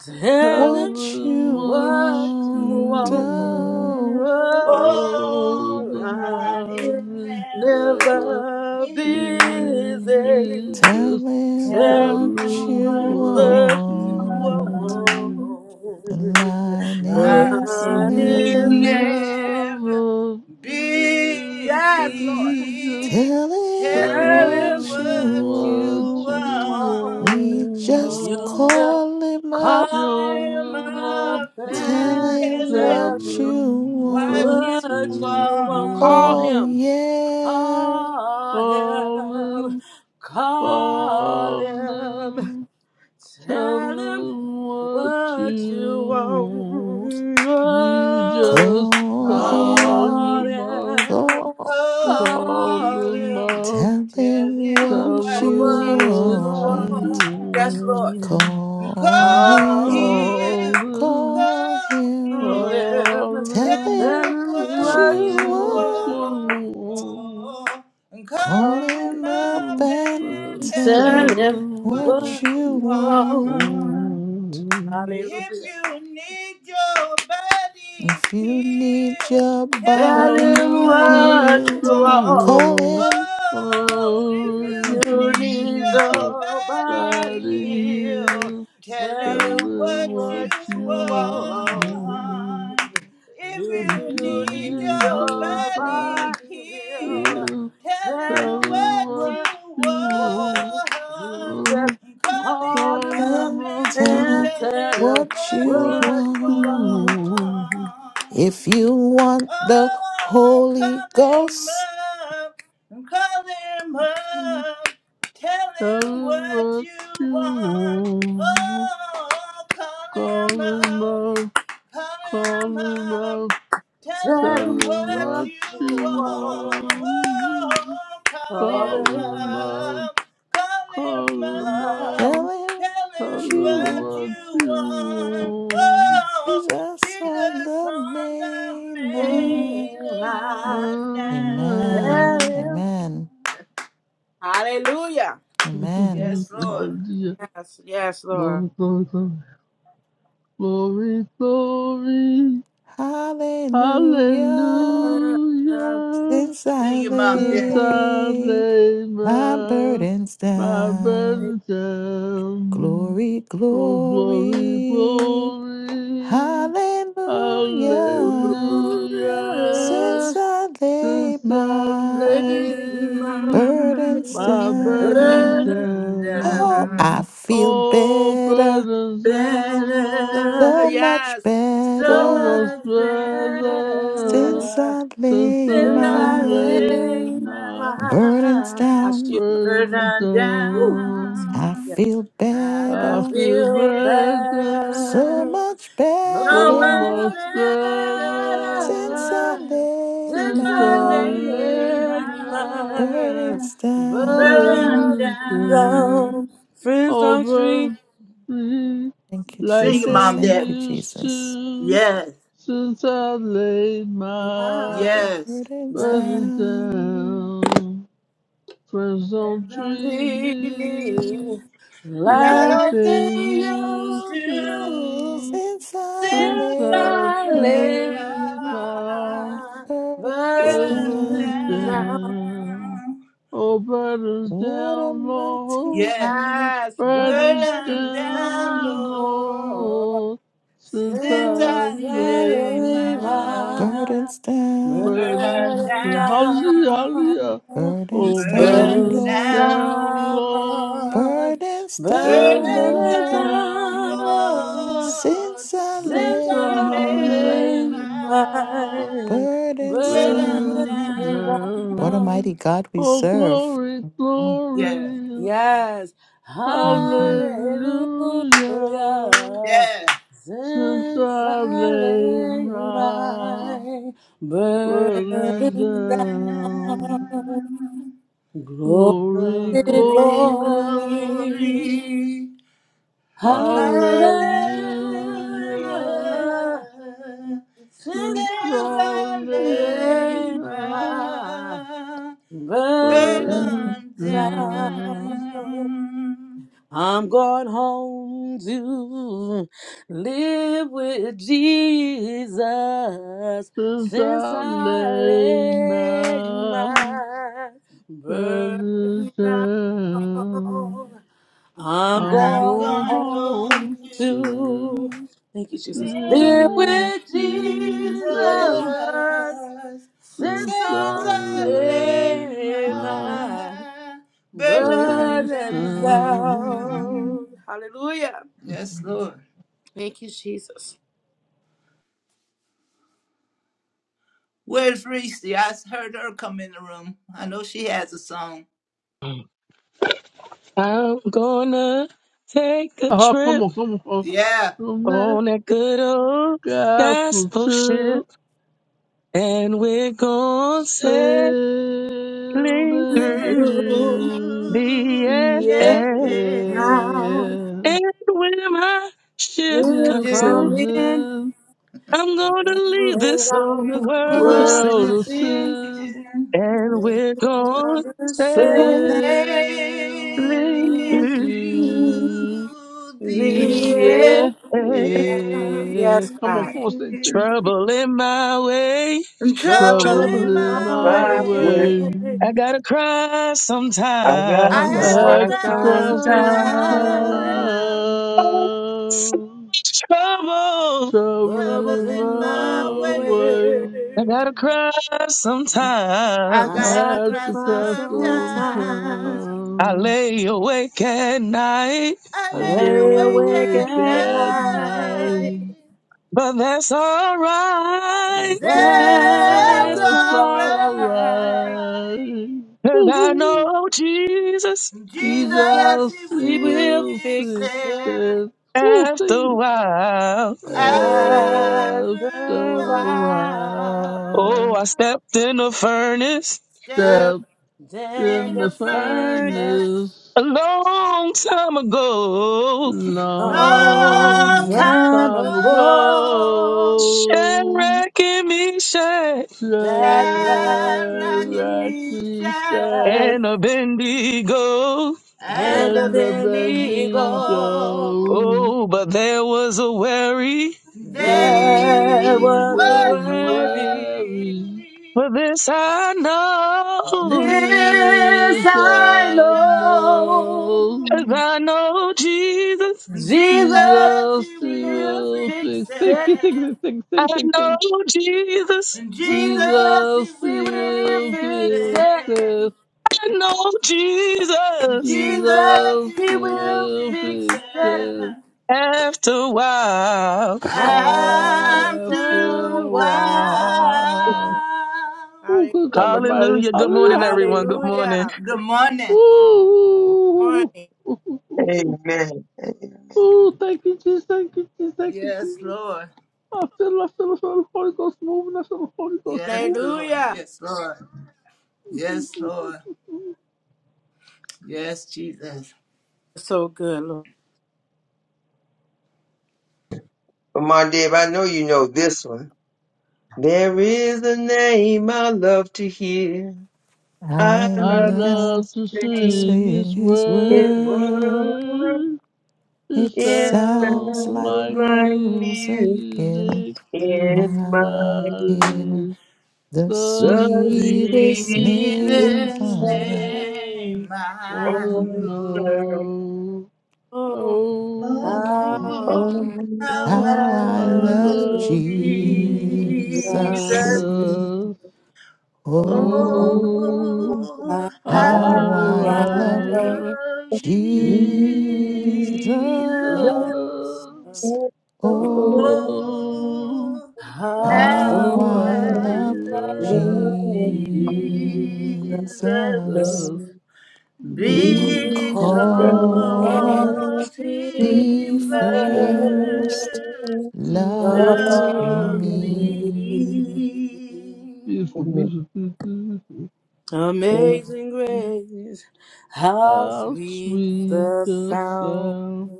Tell
tell
him
what
them
you
what
what you
want.
want.
you want.
Oh,
Oh,
Oh,
Oh,
the
the
that I need
line is
line is
never
never
never
be busy.
busy.
busy.
tell
Just
him
Tell
Tell
tell
what
me
them
you
me
what
what
you
what you
you
want.
want.
want.
want.
The line
I
The
is
Lord
There's
need
is
never
there.
never
never busy,
Yes, Lord.
just
busy.
tell him
Tell
Tell
what
me
him
you
telling
what you
what
want.
you
you
want.
want
We just
you
Oh,
want.
to
call him up.
call
call
him
him
Jumping
up
up
up and
Tell
and
him
and
tell him
tell
what
him
you
telling
what
what
want.
you
what
you
you want. Call
want.
Oh,
want,
him.
yeah.
Call him.
Calling,
Call him.
calling,
Tell him.
telling what you
What you
want.
want,
You
oh,
just
Call
God
call
call
is
him.
them up
him,
Call him.
Call them
cooking.
call
out,
Tell
Tell
him
him
what
him.
tell
what
you
them
you
What you
what you
want,
want.
want.
yes, Lord.
want.
Call
Call
him.
Call
him,
him,
Call them,
Call
call
him.
call
him.
him.
call
Tell
them,
him
Tell
Tell him
him
what
tell
what
what
you
them
you
you
what
want.
you
want.
want.
Oh, and call
Call
Call,
him
him
him,
up
up
want.
and
and
And
tell
tell
Tell
tell
him
him
him
them
what
what
you
what
what
you
you
you
want.
want.
want.
want.
Hallelujah.
If you need your body
If you need
healed,
your
tell
Tell
Tell
body
them
him
them
what you
what
what you
healed,
you
want.
call
want.
want.
him
Oh, if
If
Oh, if
you
you
you
need
need
need your
your body
somebody
body
here,
healed,
healed.
tell
Tell
tell him
them
her
what you
what
what you
you
want.
want.
want.
If
If
If
you
you
you
need
need
need
your
your body,
body
somebody
healed,
here,
heal.
tell
tell
tell
him
him
her
what you
what
what
you
you
want. You
want.
just
want.
Call
up
call
him
Call
him up
up
him
and
up
tell
and
and
him
and tell
tell him
him
what
what
you
you
what
what you
you
want.
want.
want.
want.
If you want the
Oh,
Holy
call him
Ghost,
up, call him
mm,
up, tell
Tell
him
him
what
what
you
you
want.
want.
Oh, call
Call
him
him
up.
up,
Come,
call him
come,
up.
Tell
Tell
Tell him
him
him
what
what
what
you
you
you
want.
want.
Oh,
want.
Call
Call
Call
him
him
him
up.
up.
up. Call him
Call him
up.
tell
out,
him
Tell
tell
what
him
him
what
you
what
you
want.
want.
you
Oh,
Jesus on
Jesus
the
on the
main
want.
line.
main line
Na,
Amen.
now.
na.
Amen.
Hallelujah.
Amen.
Yes, Lord.
Oh dear,
Yes, yes, Lord.
glory, glory, glory, glory,
Hallelujah.
hallelujah.
Since
Sing
I
your mom,
Since I
lay
laid
my
my,
burdens
my
down,
Yes.
burden down,
glory,
oh glory,
glory,
glory,
hallelujah.
hallelujah.
Since I laid
Since I
my
laid
burdens
my burdens
down, oh,
down.
Dad.
I feel
Oh,
better,
burdens down, Lord,
so
better,
much
so
so
So
better.
much
much
much
better
better.
Since
better
I
Since
laid
since
since
I
I
I
my
laid
laid
laid
my
my
burdens
my
I still
down,
burdens
burden
whew, Yes.
I
down.
down.
Yes.
feel
I
I
I
better
feel
feel
feel
better,
So
better,
better,
much
so
so
so
better
much
much
much
better
since
better.
I
better
laid
since
Since
Since
I
I
I
my
laid
laid
starting
my
my
my
burdens down.
burden
burden
Resistance
down.
down.
Friends don't treat
over me
Thank you,
like
Sing it,
they
Jesus.
Mom,
Thank you,
Dad.
used
Jesus.
to
Yes,
since I laid
me
my
yes.
Burdens
like
brother
they
down.
down. Friends
There's
don't
no
treat
me
trees,
me like
like
they
they
Nothing used
used
used
to
to
to
Since I
since
since
since
laid
I
I
I
laid
my
laid
laid
my
my
my
burdens
burden
burden
brother
down.
down.
down.
Oh, brothers
What a
down,
mighty
Lord.
Yes,
God.
Yes,
Burdens
burden
burn
down,
down,
thou,
Lord,
Lord,
Lord, since
since
since
I
I've
lay
laid
my
my
Burdens
Burn
burden
burdens down.
down.
Hallelujah,
thou,
down,
hallelujah. Oh,
Burdens down,
burden
burn
burdens
Lord.
down,
down,
thou,
Lord,
Lord.
Lord,
Burdens
Burning
down,
burn
burdens
down,
Lord.
down, Lord,
down
Since I
since
since
since
lay
I
I've
my
laid
laid
my
my
burdens
burden
burdens
down.
Burn
What a
down.
down.
down.
mighty God we
Oh,
serve.
glory,
Mhm,
Yeah,
glory,
Yes.
mhm.
hallelujah.
Hallelujah.
yeah.
Since
Since
I
I
laid
lay
my
my
brothers
burdens
Burden
down,
down,
down,
glory,
glory,
glory,
glory,
glory,
glory, hallelujah.
hallelujah.
hallelujah. Since
Since
Since
I
I
I
laid
laid
lay
my
my
my
burdens
I'm
brothers
burden
down,
down,
down.
I'm going home to live with Jesus
since
since
I
I
laid
laid
my
my
brothers
burden down.
down.
I'm
I'm
I'm
going
going
going home
home
home
to
to,
to
thank you, Jesus,
live
live
with
live with
with
Jesus.
Jesus
Jesus
since
since I
Since
I
I lay
laid
laid
my
my
my
but
burden
first
as
down.
down.
thou, hallelujah.
Yes, Lord.
Thank you, Jesus.
Where's Reese? I heard her come in the room. I know she has a song.
gonna take a
Oh, come
trip
on, come on. Oh,
Yeah.
from that
on that good old
gospel
gospel
trip
ship, and we're gonna sail
sailed
Been
through
You
into
through,
the
the
air.
air.
yeah.
now
And when my ship
will
Still
comes in,
do
come
comes
in
in
I'm gonna
and
leave
lay
this
down
old
the
world
what
of
blood
I
world
of
sin,
sin
of
sins
sin
and
and
we're
on
gonna
the
sail
saints
through
sail
sailing through
in
through
the
the
the
earth.
the
air.
air
air.
Yes,
Come on,
God.
come on, sing, sing.
Trouble in my way,
and trouble
Troubles
trouble.
in
in
Trouble in
that's
my
my
my
my word.
way.
way.
way.
I gotta cry
I got
I
I
to
I
had
sometimes.
to
got
cry
had
to
cry
to
cry
sometime,
cry
sometime.
sometime.
sometimes.
Oh, so much trouble.
Trouble
Troubles
trouble
in
in
in my
my
my
way.
way.
I
way.
gotta cry
I
I
I
sometimes.
gotta
like to
had
cry
to
cry
cry
sometimes.
sometime.
I
sometime.
lay awake at night,
I
I
I
lay
lay
lay
awake
awake
at
awake
at
at
night.
night.
night.
but that's alright.
Death
That's
That's
all
alright.
alright.
right.
Cause I
Woo-hoo.
know Jesus
Jesus,
Jesus, he
Jesus he
He
will
will
will
fix
fix
fix
it
it
it. Woo,
after a
sing it.
while.
after
After
after
a
a
a
while.
Oh, I
while,
while.
stepped in the furnace
Step
Dip
stepped
in
in
in the
the
the furnace
furnace
furnace
a long time ago.
long
long
long
time
time
time
ago.
ago.
ago.
Shadrach and Meshach
Jack Rack
Shadrach and
and
Meshach
Share,
and Abednego.
and
and of
and the
an eagle.
Abednego.
Bendigo
Oh, but there was a worry.
They
There
they
was a
was
were
worry.
wearing
worried.
But this I know,
This
this
Did
I
I
I
know.
'cause
know.
I
know?
know Jesus.
Jesus,
Jesus,
Jesus
He
he
he
will
could
will
fix
fix
fix thank
it.
you thank
it.
you thank
I
thank thank you, thank
know
you.
Jesus.
And
Jesus,
Jesus, He
Jesus he
he
will
will
will
fix
fix
fix
it.
it.
it
I know Jesus.
Jesus,
Jesus,
Jesus
He
he
he
will
will
will
fix
fix
fix
it.
it
it.
After a while.
After
I'm
after
through.
a
a
while.
Wow.
while Ooh, good God
Hallelujah.
Almighty.
Hallelujah. Good
Hallelujah.
morning, everyone.
Hallelujah.
Good morning.
Hallelujah.
Good
Ooh,
morning.
ooh,
Morning.
ooh, ooh, ooh, ooh,
Amen. Amen.
ooh. Thank you, Jesus. Thank you, Jesus. Thank you,
Yes,
Jesus.
Lord.
I feel, I feel, I feel the Holy Ghost moving. I feel the Holy Ghost
Yes,
moving.
Lord.
Hallelujah.
Yes, Lord. Yes, Lord. Yes, Jesus.
so good, Lord.
But my Dave, I know you know this one. There is a name I love to hear.
I
I
I
love to
love
love to
to
sing.
sing
sing
His
his
His
word.
word
word. It
It
it
sounds
sounds
like
sounds
like
like
music
music
in
music
in
in
my
my
my
ear.
ear.
ears.
The
The
The
sweetest
sweet
name
Jesus'
sweetest
sound
on
name
name
I
one
of
know.
the
knows.
Oh,
earth.
Oh,
Oh,
how
how
Almighty.
how
How
I
I
I
love
love
love Jesus.
Jesus.
Jesus. Oh,
Oh,
Oh,
how
how
how
I
I
love
I
I love
love
love
Jesus.
Jesus.
Jesus.
us. Oh,
Oh,
Oh,
Oh,
Oh,
how
how
how
how
I
I
I
love
love
love
Lord
Jesus
Jesus,
Jesus.
be
Jesus.
God,
Because
be
because
God,
Because
because he
he
he
he
first
is
first
first
loved
Lord.
love.
loved
loved me.
me.
me.
Beautiful,
Amen. Amen.
beautiful, beautiful.
Oh, Lord.
Amazing grace, how
How
sweet
sweet
the
the
sound
sound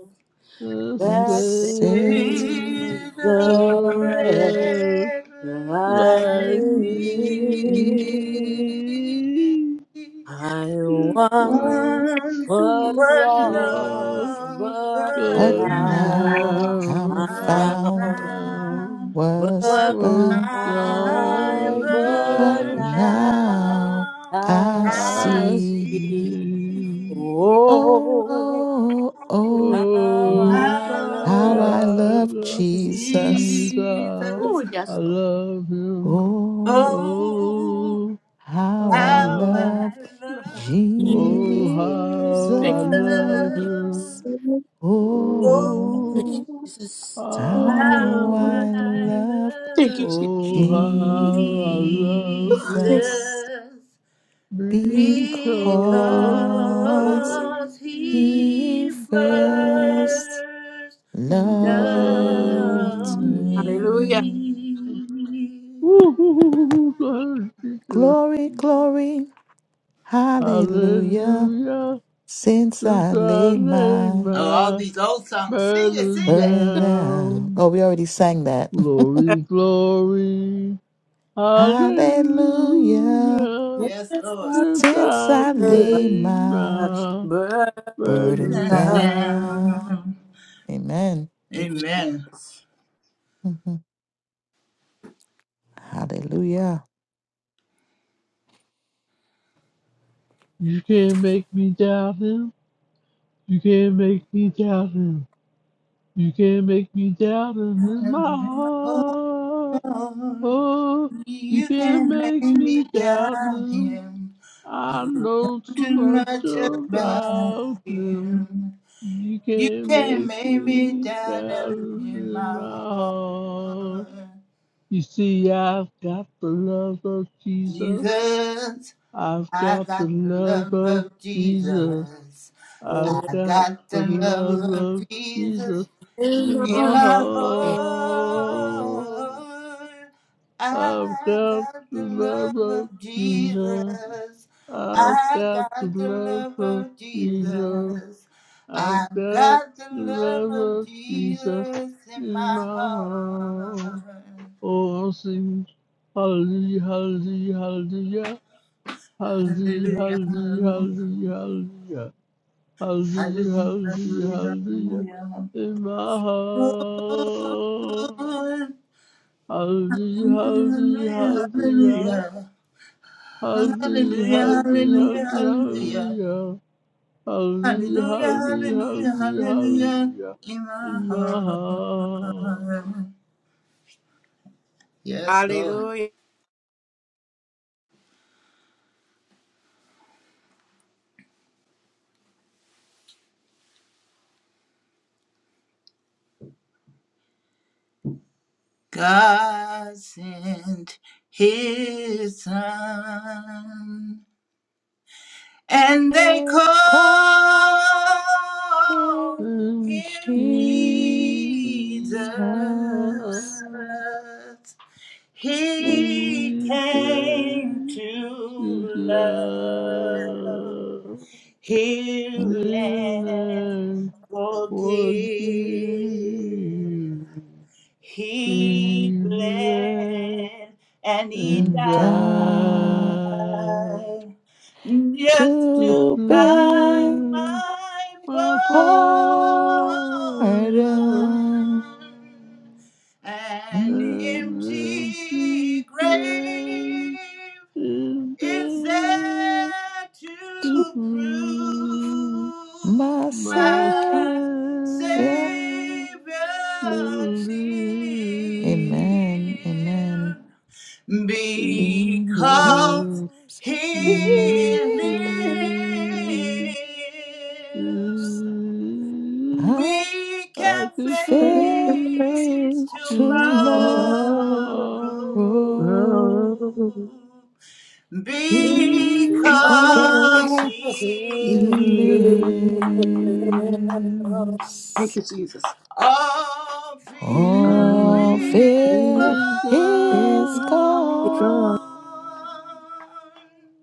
that
No
that saved
He
saved,
saved
the
the
a wretch
red
Like
light
like
me,
me.
me.
I
It
once
was
Once
was
so
was
love.
lost,
lost,
but
but
but
But
now
now
now
now
I'm
I'm
I'm
I
found,
found.
found.
found
was
Was
Was
was
bound,
blind,
blind,
blind,
but
but
but
but
now
now
now
now
I
I
I
I
see.
see.
see.
see.
Oh,
Oh,
Oh,
oh, oh,
how
Oh, how
I
how
how
love
I
I
you.
love
love
Thank you.
Jesus.
Jesus.
Jesus!
Oh,
I
yes, Lord.
love him.
Oh,
Oh,
Oh,
how I
how
how,
I
love
love Jesus!
oh,
Jesus.
how I
Thank you.
love him.
Oh,
Thank you,
Oh,
Oh,
Jesus.
how
how
how.
I
I
love
Thank you,
love
Jesus.
Oh, how I love
Jesus
her
Thank you.
Jesus,
because
because
because
he
he
she first
first
first
loved
loved
loved
me.
Hallelujah.
me.
me.
Woo-hoo-hoo-hoo, Lord Jesus.
Glory, glory, hallelujah,
Hallelujah.
since I
Since I
laid
laid
my
Oh, all
my
these old songs. Sing it,
burden
sing it.
burden down.
down.
Oh, we already sang that.
Glory, glory.
hallelujah,
Hallelujah.
Yes, Lord.
Hallelujah.
Since
since
I
I laid
laid
my
my
burden
burdens
down.
down,
Down.
Amen.
Thank you,
Amen.
Jesus.
Mhm. Hallelujah.
you can't make me doubt him. You can't make me doubt him. You can't make me doubt him in my heart. Oh, you
You
can't
can
make
make me
me doubt
doubt
him.
him.
I know too
Too
much
much about
about him.
him.
You
You
can't
can
make
make me
me
doubt
doubt
him
him
in
in
my
my heart.
heart.
You see, I've got the love of Jesus.
Jesus,
I've
I
got the
got the
love
love
of
of
Jesus.
Jesus.
Ah,
I've
I
got
got
the
the love
love
of
of
Jesus
Jesus in
In
my
my
heart.
heart,
I've
I
got
got
the
the
love
love of
of Jesus.
Jesus.
I've
I
got
got
the
the
love
love
of
of
Jesus.
Jesus. I
I've got
got the
the
love
love
of
of Jesus
Jesus in
in my
my
heart
heart.
all things. Hallelujah, hallelujah, hallelujah. Hallelujah,
Hallelujah,
hallelujah,
hallelujah,
hallelujah, hallelujah. Hallelujah, hallelujah,
hallelujah,
hallelujah.
hallelujah.
In my heart.
Lord,
Hallelujah,
Hallelujah,
hallelujah,
hallelujah.
hallelujah. Hallelujah, hallelujah,
Hallelujah,
hallelujah,
hallelujah, hallelujah.
hallelujah. Hallelujah,
Hallelujah,
hallelujah,
hallelujah, hallelujah.
hallelujah, hallelujah.
In my
In my heart.
heart. Yes, Lord. God sent his son, and they called
Exalt him,
love
him Jesus.
gonna
Jesus.
He came to love, heal,
Mhm.
and forgive. He bled and he
And died
died just to
to
buy
beg my
my pardon
my
pardon.
you.
an
Into
and
empty
empty grave
grave
is
is there
there to
to prove
prove
my
my Savior
Savior
my Savior
lives.
lives.
Amen, amen.
lives?
Because
Because
Because
He
he
He lives,
lives,
lives,
I
we
I
can
can
can face
face
face tomorrow.
tomorrow.
tomorrow.
Because
Because
Because
he
he
he
lives,
lives,
lives,
all fear
all
peace
is
fear
is
is gone.
gone.
gone.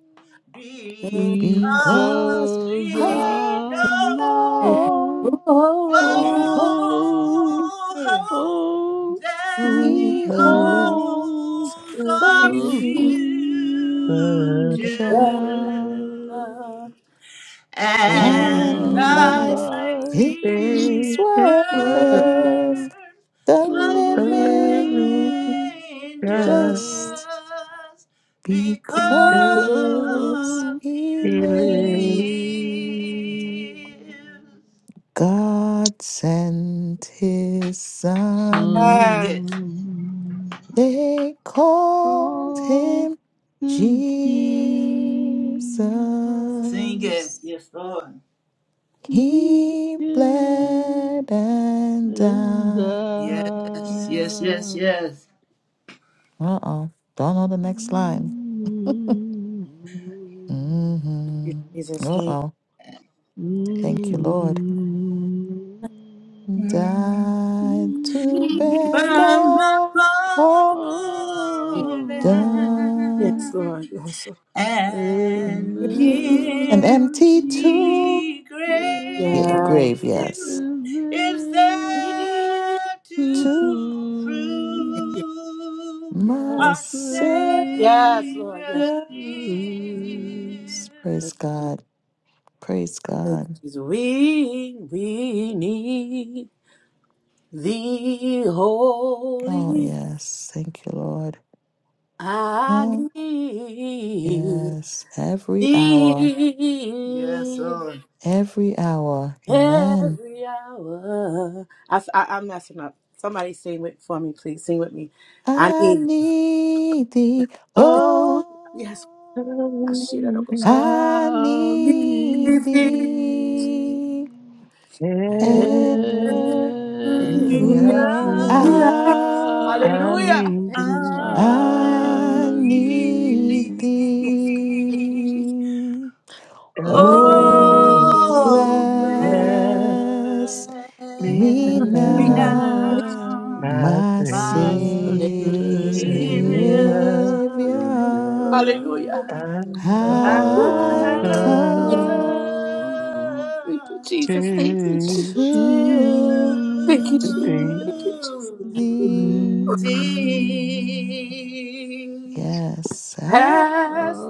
Because
Because
Because
I
we
I
know
know
know, oh,
Oh,
oh,
daddy
he
oh,
holds
I
holds
need
the
a
the
you. Don't
future,
future.
future.
let
My
and
And life
I
life
is
feel
is
it's
worth
worth
worth
the
the
a
living
living
living
just
just
just because
because
because
he
he
we
lived.
live.
lives.
God sent his son,
Sing it.
Some
they called
call
him
him Jesus,
Sing it.
Jesus.
Yes, Lord.
He
He
came
bled and
and
died.
Yes, yes, yes,
died.
yes.
Uh oh. Don't know the
My
next line. Mm-hmm.
Jesus,
Uh
thank
oh. Thank you, Lord.
Mm.
Died to beg
By my
our
you.
pardon
Yes,
pardon.
Lord.
An
and
an empty tomb.
empty grave
Yeah,
Yes.
grave, yes.
is
Yes.
there
To
to prove
my
our
Savior.
Yes, Lord.
sin.
Yes.
Savior lives.
Praise
Thank you.
God. Praise
Thank you.
God.
Jesus. We we need the
Oh,
holy.
yes. Thank you, Lord.
I
Oh,
need
yes. Every hour,
Yes,
thee
Lord.
every hour. Amen.
every hour. I, I, am messing up. Somebody sing with for me, please. Sing with me. I
I
need.
need thee.
thee.
Oh,
Yes. I see that. I'll go.
I
i
need
need
thee.
every
Hallelujah.
Now
Every hour,
hour
Hallelujah.
I
I
I
need
need
need
Yes, Thank
thee.
thee.
you
Oh,
oh,
Oh, bless
bless
bless
me
me
me
you.
me
not
now,
Thank
now,
now,
my
my
my Savior.
my
faith.
you.
Savior.
Say that
Savior.
Hallelujah.
I
I
Whew.
I
i
have
don't.
come
come
Thank you, Jesus.
come
Thank you,
to
Jesus.
Yeah.
you
to
Thank you,
to
Jesus.
be
Thank you, Jesus.
thee.
thee.
Yes, I
Pass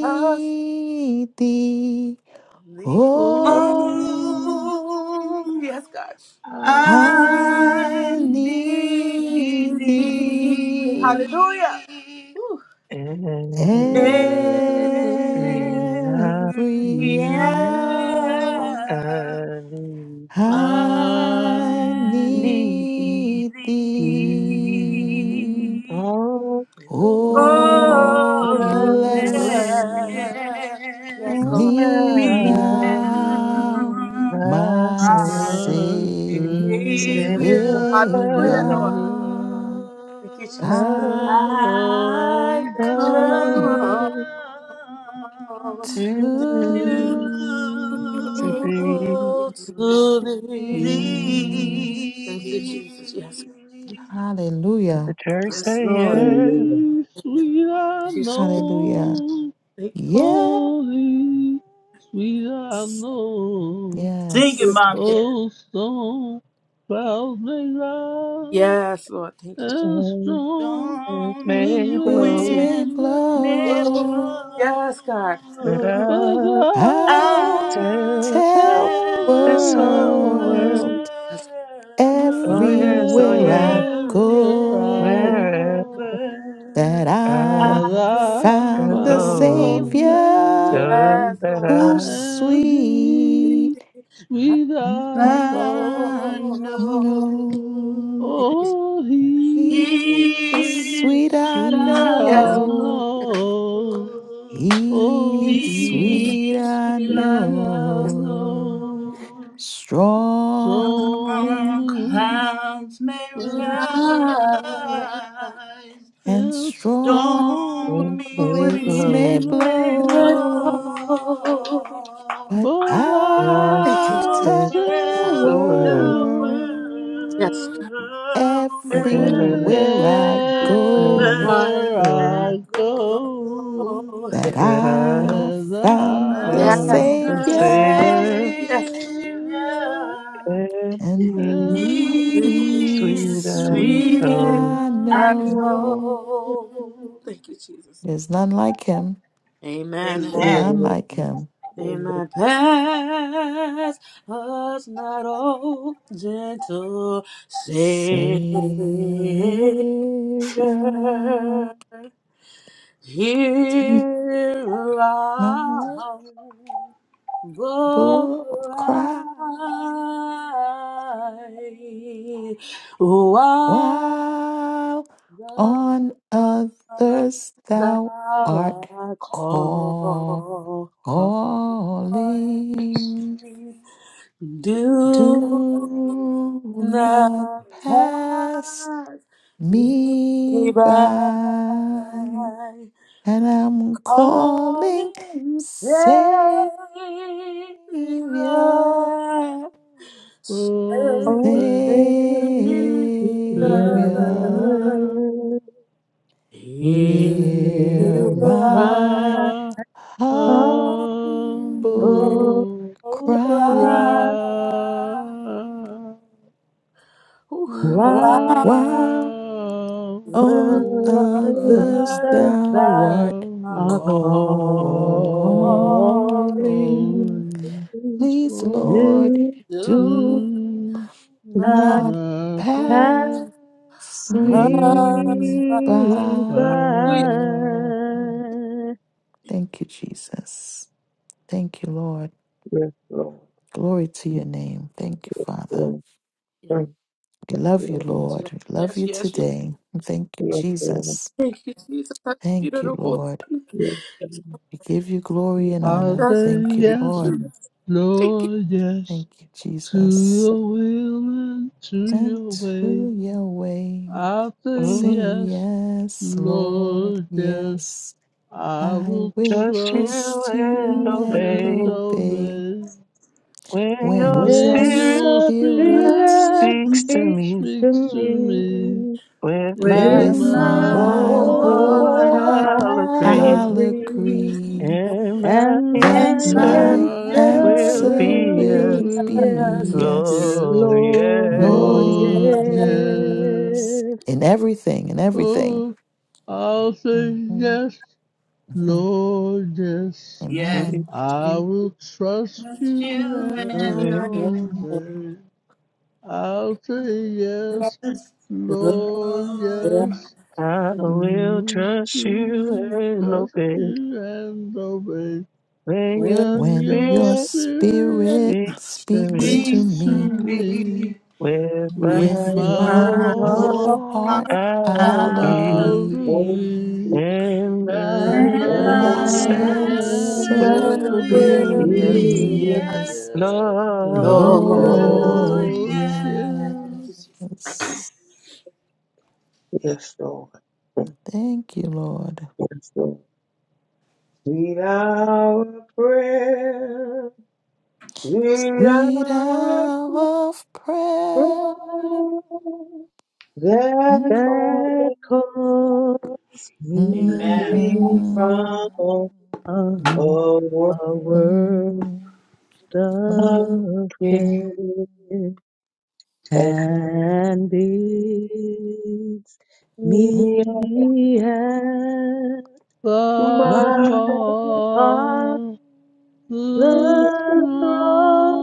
us
thee.
the
Oh.
oil.
Oh,
Yes, God.
I
I
need
need
thee
thee
Hallelujah. Whew.
every reality.
every
every
hour.
hour.
I
I need
need thee.
thee.
Oh,
Oh,
Oh,
let
bless
bless
me
Yes, Lord.
me
me
now,
now,
now,
my
my
my
Savior,
My
Savior.
Yes, God.
Savior.
faith
Hallelujah,
come
Lord.
is
Thank you, Jesus.
I
above
I
come
Oh,
come
To,
to
to
to
to
be.
to
to thee.
thee.
thee.
Thank you, Jesus. Yes.
thee.
Let the
Hallelujah.
church
Father.
Yes,
say
Lord.
Oh,
yes,
Lord.
Thee Sweet I
Thank you, Jesus.
Hallelujah.
know,
Thank you,
Yes.
holy, sweet I know,
Thank you,
Yes.
Lord.
Mom, Dad.
oh, stone clouds may rise.
Yes, Lord. Thank you.
The
oh,
storm
it
Stormy
was
may
way,
Winds
blow,
may
was
wind
way
may
Jesus.
blow.
for,
blow.
Yes, God.
but
but
I
I'll
I'll
tell.
I'll
tell the
tell
tell
the
This
the
whole
Yes,
world,
world
world
yes,
wherever
oh
world
yes, oh
everywhere I
yes,
I
go.
where
go
wherever
that
I
I
I
that
go.
I
can
found the
found the
go,
Savior
tell
Savior
yes,
them that
Lord.
I
who's
I
and
sweet.
He's sweet, I
I
Mhm.
I
know.
know.
know
No,
Thank you.
Oh,
he's
he's
he's
Jesus.
sweet, I
the
sweet,
I
Yes.
I
know.
know.
know.
Oh,
He's
he's
sweet,
Peace
I
will I
sweet, I
know.
Yes.
know.
know. Some
Strong
On
wind
will
clouds may
Here
wait
I
for us,
am.
rise,
and
and
will
some
stormy
strong
made
winds may
will
winds
low,
wait
may
blow.
blow.
blow.
But
But
I'll
Thank you.
just
Jesus.
I
I'll
the,
tell the
tell
the
tell the
the
word,
world
Yes,
world.
God.
world
we
I
can let it
Wherever
everywhere I go
let it
wherever I
go,
I
go.
go,
know.
that
that I
I
says
found the
Yes.
am
I
found
the
a
found
Savior
Savior
the
Savior.
Yes.
Savior
and
and
He,
He
Yes.
and
He's
sweet
is
He's
I
With
sweet,
sweet
risen
know.
I
I
and
up
know.
low.
know. Thank you, Jesus.
There's none like Him,
Amen.
Amen.
none like Him.
Oh, Lord.
Amen. Pass us not, oh, gentle
Savior,
Savior. Hear our humble
Bull
cry.
cry while
Thou
on
art the-
others
thou
thou art
art call- calling.
calling.
Do
Do not
not
pass
pass me
me
by.
by, and I'm calling
Calling,
Savior.
Savior,
from
Savior,
O Savior,
Savior.
sinner.
Oh,
He's
hear
hear
my
my
my
humble
humble
humble
cry.
cry
cry,
cry. Wow,
while
why
While
the
on
the
others
others
thou
stars
art
are
are
calling
calling.
calling,
to
please, Lord,
Do
do
you
not
now.
not
pass
pass me
Hallelujah.
me
God.
by.
Thank you, Jesus. Thank you, Lord.
Yes, Lord.
Glory to your name. Thank you, Father.
Lord. Thank
We
thank you,
love you,
Lord.
Lord.
Yes,
We love
yes, yes,
you
yes. yes.
today. Thank you,
Yes, Lord.
Jesus.
Thank you, Jesus. Thank
Thank you,
you, Lord.
Lord.
Yes,
We give you glory and
I
honor.
Yes,
say
Thank you,
yes,
Lord.
thank
Lord, yes,
Thank you,
to
Jesus.
your will and to
And
your way.
to your way,
I say
say
Mm,
yes,
yes, Lord.
Lord, yes.
Yes,
I
I
will
will
Trust
trust
you
trust
and
you
you
and
and
obey
obey.
obey
when your
When your
when
spirit
When
your
the
spirit
Spirit
spirit
speaks to me
speaks to
speaks to me.
me,
with
It's
my
With
my
with
in my
my
whole
my
whole
whole
whole
heart.
heart
heart
whole
heart
I'll
I'll
agree,
I'll
heart.
I
agree,
agree,
agree
and my
and
that
my
and
and
my
answer
my
my
hands,
answer
will
answer
answer
will
be
will
you.
be
yes,
yes,
will
be
be
yes,
yes,
Lord. Yes,
Lord,
Lord,
Lord,
yes.
yes.
yes.
In everything, in everything.
Oh, I'll say
Mhm,
yes,
mhm.
Lord, yes.
yes,
we
Amen.
I
keep
will trust
with
you
you
and
and the
away.
Yes,
obey. I'll say
yes,
yes,
blue.
yes.
Lord,
Lord,
Lord,
yes,
I will
and
trust you
will
yeah,
and
trust
obey.
you and obey.
May your
When
When
your
your
spirit
spirit
spirit
speak to
speaks
me
to
meet
speaks to
me
me
me.
with my
with
with
With
my
my
my
whole
whole
whole
heart.
heart
whole
heart,
I'll
I'll
heart,
I'll
agree,
I'll
agree
Lord.
agree,
Yes,
agree,
Lord.
and
and
That
my
and
Yes,
my
my
my
answer.
answer
answer
answer
will
will
will
be
will
as
be
be
be
yes,
yes,
yes.
glorious.
Lord,
Lord,
Lord,
yes.
give
yes.
Lord.
Thank you, Lord.
Yes, Lord. Sweet hour prayer, sweet
Sweet
hour
hour of prayer.
prayer, that
Mhm.
That
called
calls me
Amen.
me
Mhm.
from
from a world
a world
Mhm.
of
Mhm.
of
care. My heart,
care. and bids me
Mhm.
at
thy
Mm.
my father's
Father strong
throne,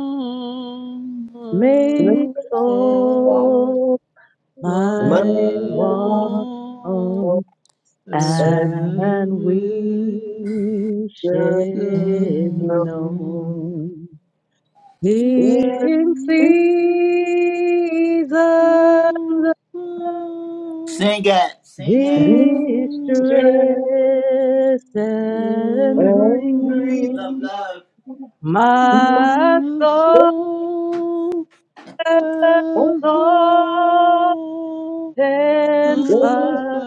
Mm.
makes
all
all
thy
my
my
heart,
Mm.
wrong
want
Sweet.
and
and
and
wishes
wishes
known.
known. In
Is it
So
season
Sing it, sing it.
Easter
Distress
Well,
and
every
Love,
grief,
love.
my
my thoughts
every
and
Mhm.
find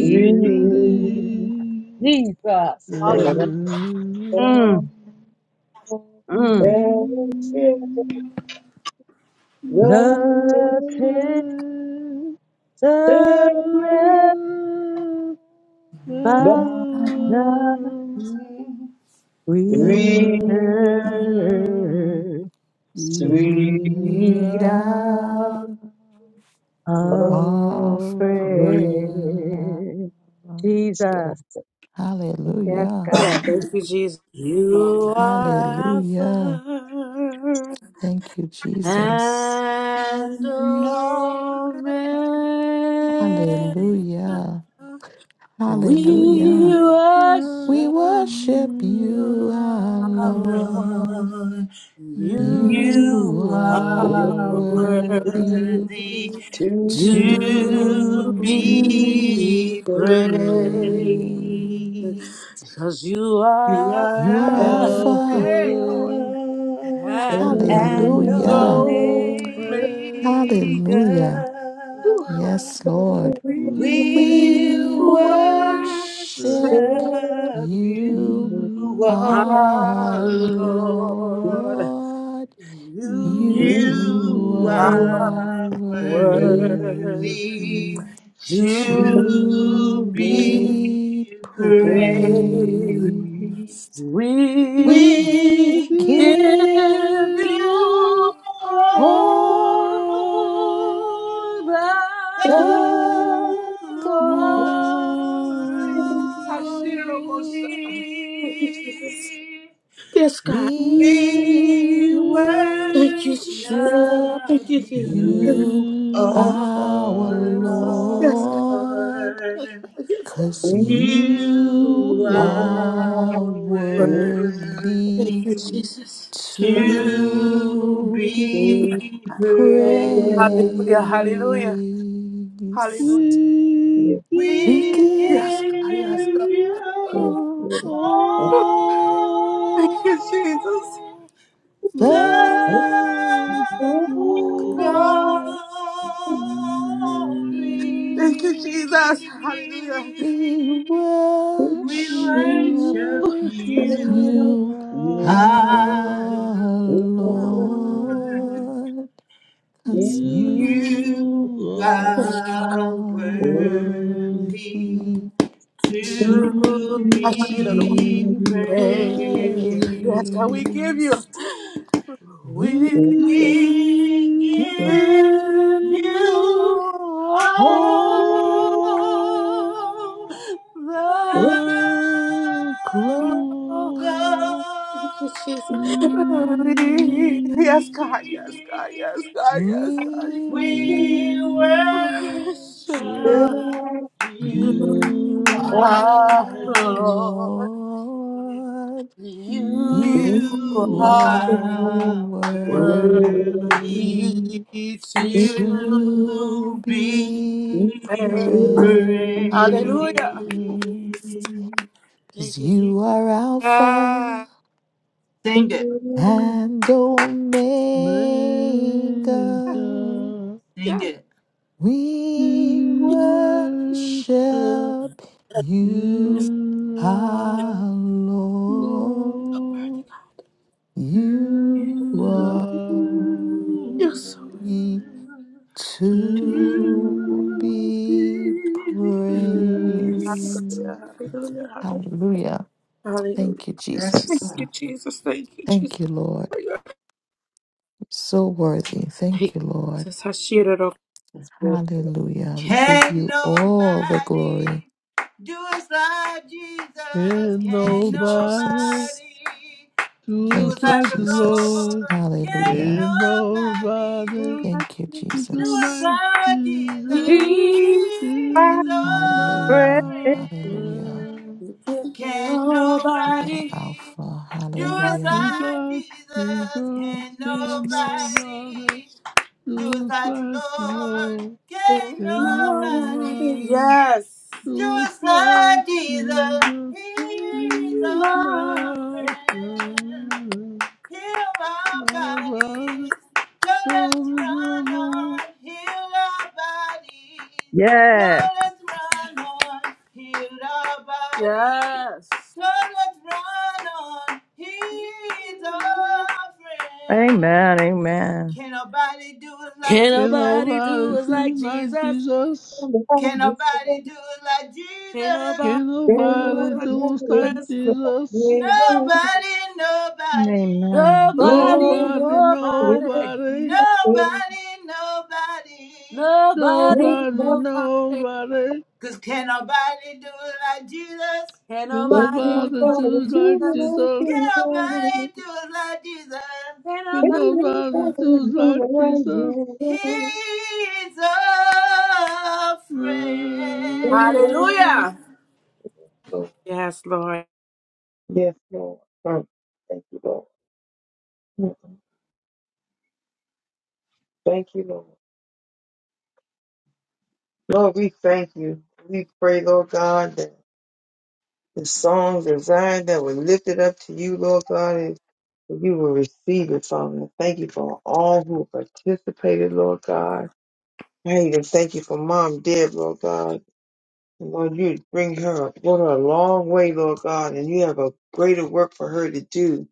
every
Jesus,
the
hallelujah.
danger
Mm, mm. The tender by
but
thy
we we
well,
are
well.
return. Sweet
Sweet
hour
hour
of
of
free
prayer.
prayer. Jesus, yes,
Hallelujah.
thank
God.
you, Jesus. You are
Hallelujah.
Alpha
Thank you, Jesus.
and
And no,
Omega.
Hallelujah.
We
Hallelujah. We
worship
worship
you,
you, our
our
i
Lord.
Lord.
Lord.
You
You
You
are
are worthy
Worthy
to
worthy.
from
to
to be
be
be praised.
praised,
praised.
because you
You
are
are
You are
Alpha
Alpha
Alpha.
Hey, Lord.
Alpha
and
and
and
Hallelujah.
Omega.
Omega.
Hallelujah.
Omega.
Yes, Lord.
We
to
Oh,
We
We
worship
Thank
worship
worship
you,
you, O
our
our Lord.
Lord.
Lord.
You
You
You
are
are
are
worthy.
worthy
worthy
to
to
to be
be
We give
praised.
praised.
We
We
give
you
give you
you
all
all
all
the
the
the glory.
glory. I've seen it, oh God. Thank you, Jesus.
glory.
Yes, God.
We
We
Thank you, Jesus.
Listen,
you.
worship
Thank
worship
you, Jesus.
you,
Thank you.
you,
You
oh
our
are
Lord.
Yes, God.
Lord.
Lord.
Yes,
Cause you
You
You
are
are
are
God. Thank
worthy
worthy
you, Jesus.
to
to
to be
me
be
Hallelujah,
praised.
praised.
hallelujah,
praised.
hallelujah.
We give
We give
We
Yes, God, yes, God.
give
you
you
you
all.
Thank you, Jesus.
all We
the
the
glory.
glory.
worship
Thank you, Jesus. Hallelujah.
We
We
worship
worship
you,
you,
You
our
Lord.
are
Oh,
Lord.
Lord, 'cause
You
you
you are
Thank you.
are
are
worthy
worthy
worthy
Thank you.
to
to
I
to
should have
be
be
be
prayed. Yes, God, we give
praised.
praised.
you. We
We
give you
We
We
give
give
give
you
you
all
all
all the
Oh,
the
the
oh,
glory.
glory.
oh,
Thank you,
we
Jesus.
glory.
Yes, God. Yes, God. Yes, God. Yes, God. Yes,
We
We
we
worship
worship
worship
you,
You
you,
you,
are
our
our
Lord.
Lord.
Lord.
Lord.
You
You
You
are
You are
are
are worthy
worthy.
worthy
worthy
to
to
to
to
be
be
be
be
praised.
praised.
praised,
Hallelujah.
'cause
Thank you, Jesus.
you are Alpha
Yeah.
Sing it,
and Omega.
praised, Maker.
sing
You're
it.
We
We
worship
worship
you,
you,
our
our
Lord.
Lord.
You
You
You
are
are
so
worthy.
worthy
to
to
to
be
be-
good.
praised.
Yeah.
reign.
Hallelujah. Hallelujah.
Hallelujah.
Hallelujah.
Thank you,
Yes.
Thank
Jesus.
you, Jesus. Thank you, Jesus.
Thank you, Lord.
Thank you,
You're So worthy.
Jesus.
Thank you, Lord.
Hashiroro.
Hallelujah. We give
Can
you all the
nobody
glory.
do us like Jesus?
And
Can
Thank you,
nobody
Jesus.
nobody do us
does
Thank you,
like
like
the
the
Jesus.
Lord.
Lord? Can
Hallelujah.
And
nobody
nobody
Do like
Thank you,
you.
who
do
do
us
Jesus.
like
like Jesus?
Jesus
Hear
He's
my
He's
is
our
prayer.
Hallelujah.
my
Hallelujah.
friend.
friend.
Can
You are
nobody.
nobody
Alpha.
Do
do us
like
Hallelujah.
His
you.
like
blood,
Jesus?
Jesus
Thank
Can
you,
can
Jesus.
nobody
nobody? Do it
do
like the
like
Lord,
no,
can't
and
Nobody.
nobody.
nobody
Yes.
Do
do
it
like
like Jesus,
Jesus
He's
is
our
my
friend.
friend.
Heal our
My brother
bodies, tell us
told me to
run
know,
on. Heal our bodies,
Yes.
tell us run on. Heal our bodies,
Yes.
tell us run on. He's our friend.
Amen. Amen.
Can nobody do it like
Can't
can
Jesus?
nobody do
nobody
us like
do like
Jesus.
Jesus?
Can nobody do it like
Can't
Jesus?
nobody
Can
do us
nobody
like
do like
Jesus.
Jesus?
Nobody, nobody,
Amen.
Nobody,
Nobody,
nobody,
nobody,
nobody, nobody.
nobody,
nobody,
nobody.
nobody.
Cause can nobody do it like Jesus?
Can't
Can
Everybody
nobody do
nobody
us like
do
do
like
Jesus.
like
Can
you.
Jesus?
want.
nobody do it like Jesus?
Can't
Can
nobody. do-
nobody
us.
do
Everybody do
like
like
Jesus?
you.
He's a friend.
Mm.
want.
Hallelujah.
Lord.
Yes, Lord.
Yes, Lord. Mm. Thank you, Lord. Mm. Thank you, Lord. Lord, we thank you. We pray, Lord God, that the songs of Zion that were lifted up to you, Lord God, is that you will receive it, Father. Thank you for all who participated, Lord God. I even thank you for Mom Deb, Lord God. Lord, you bring her, brought her a long way, Lord God, and you have a greater work for her to do.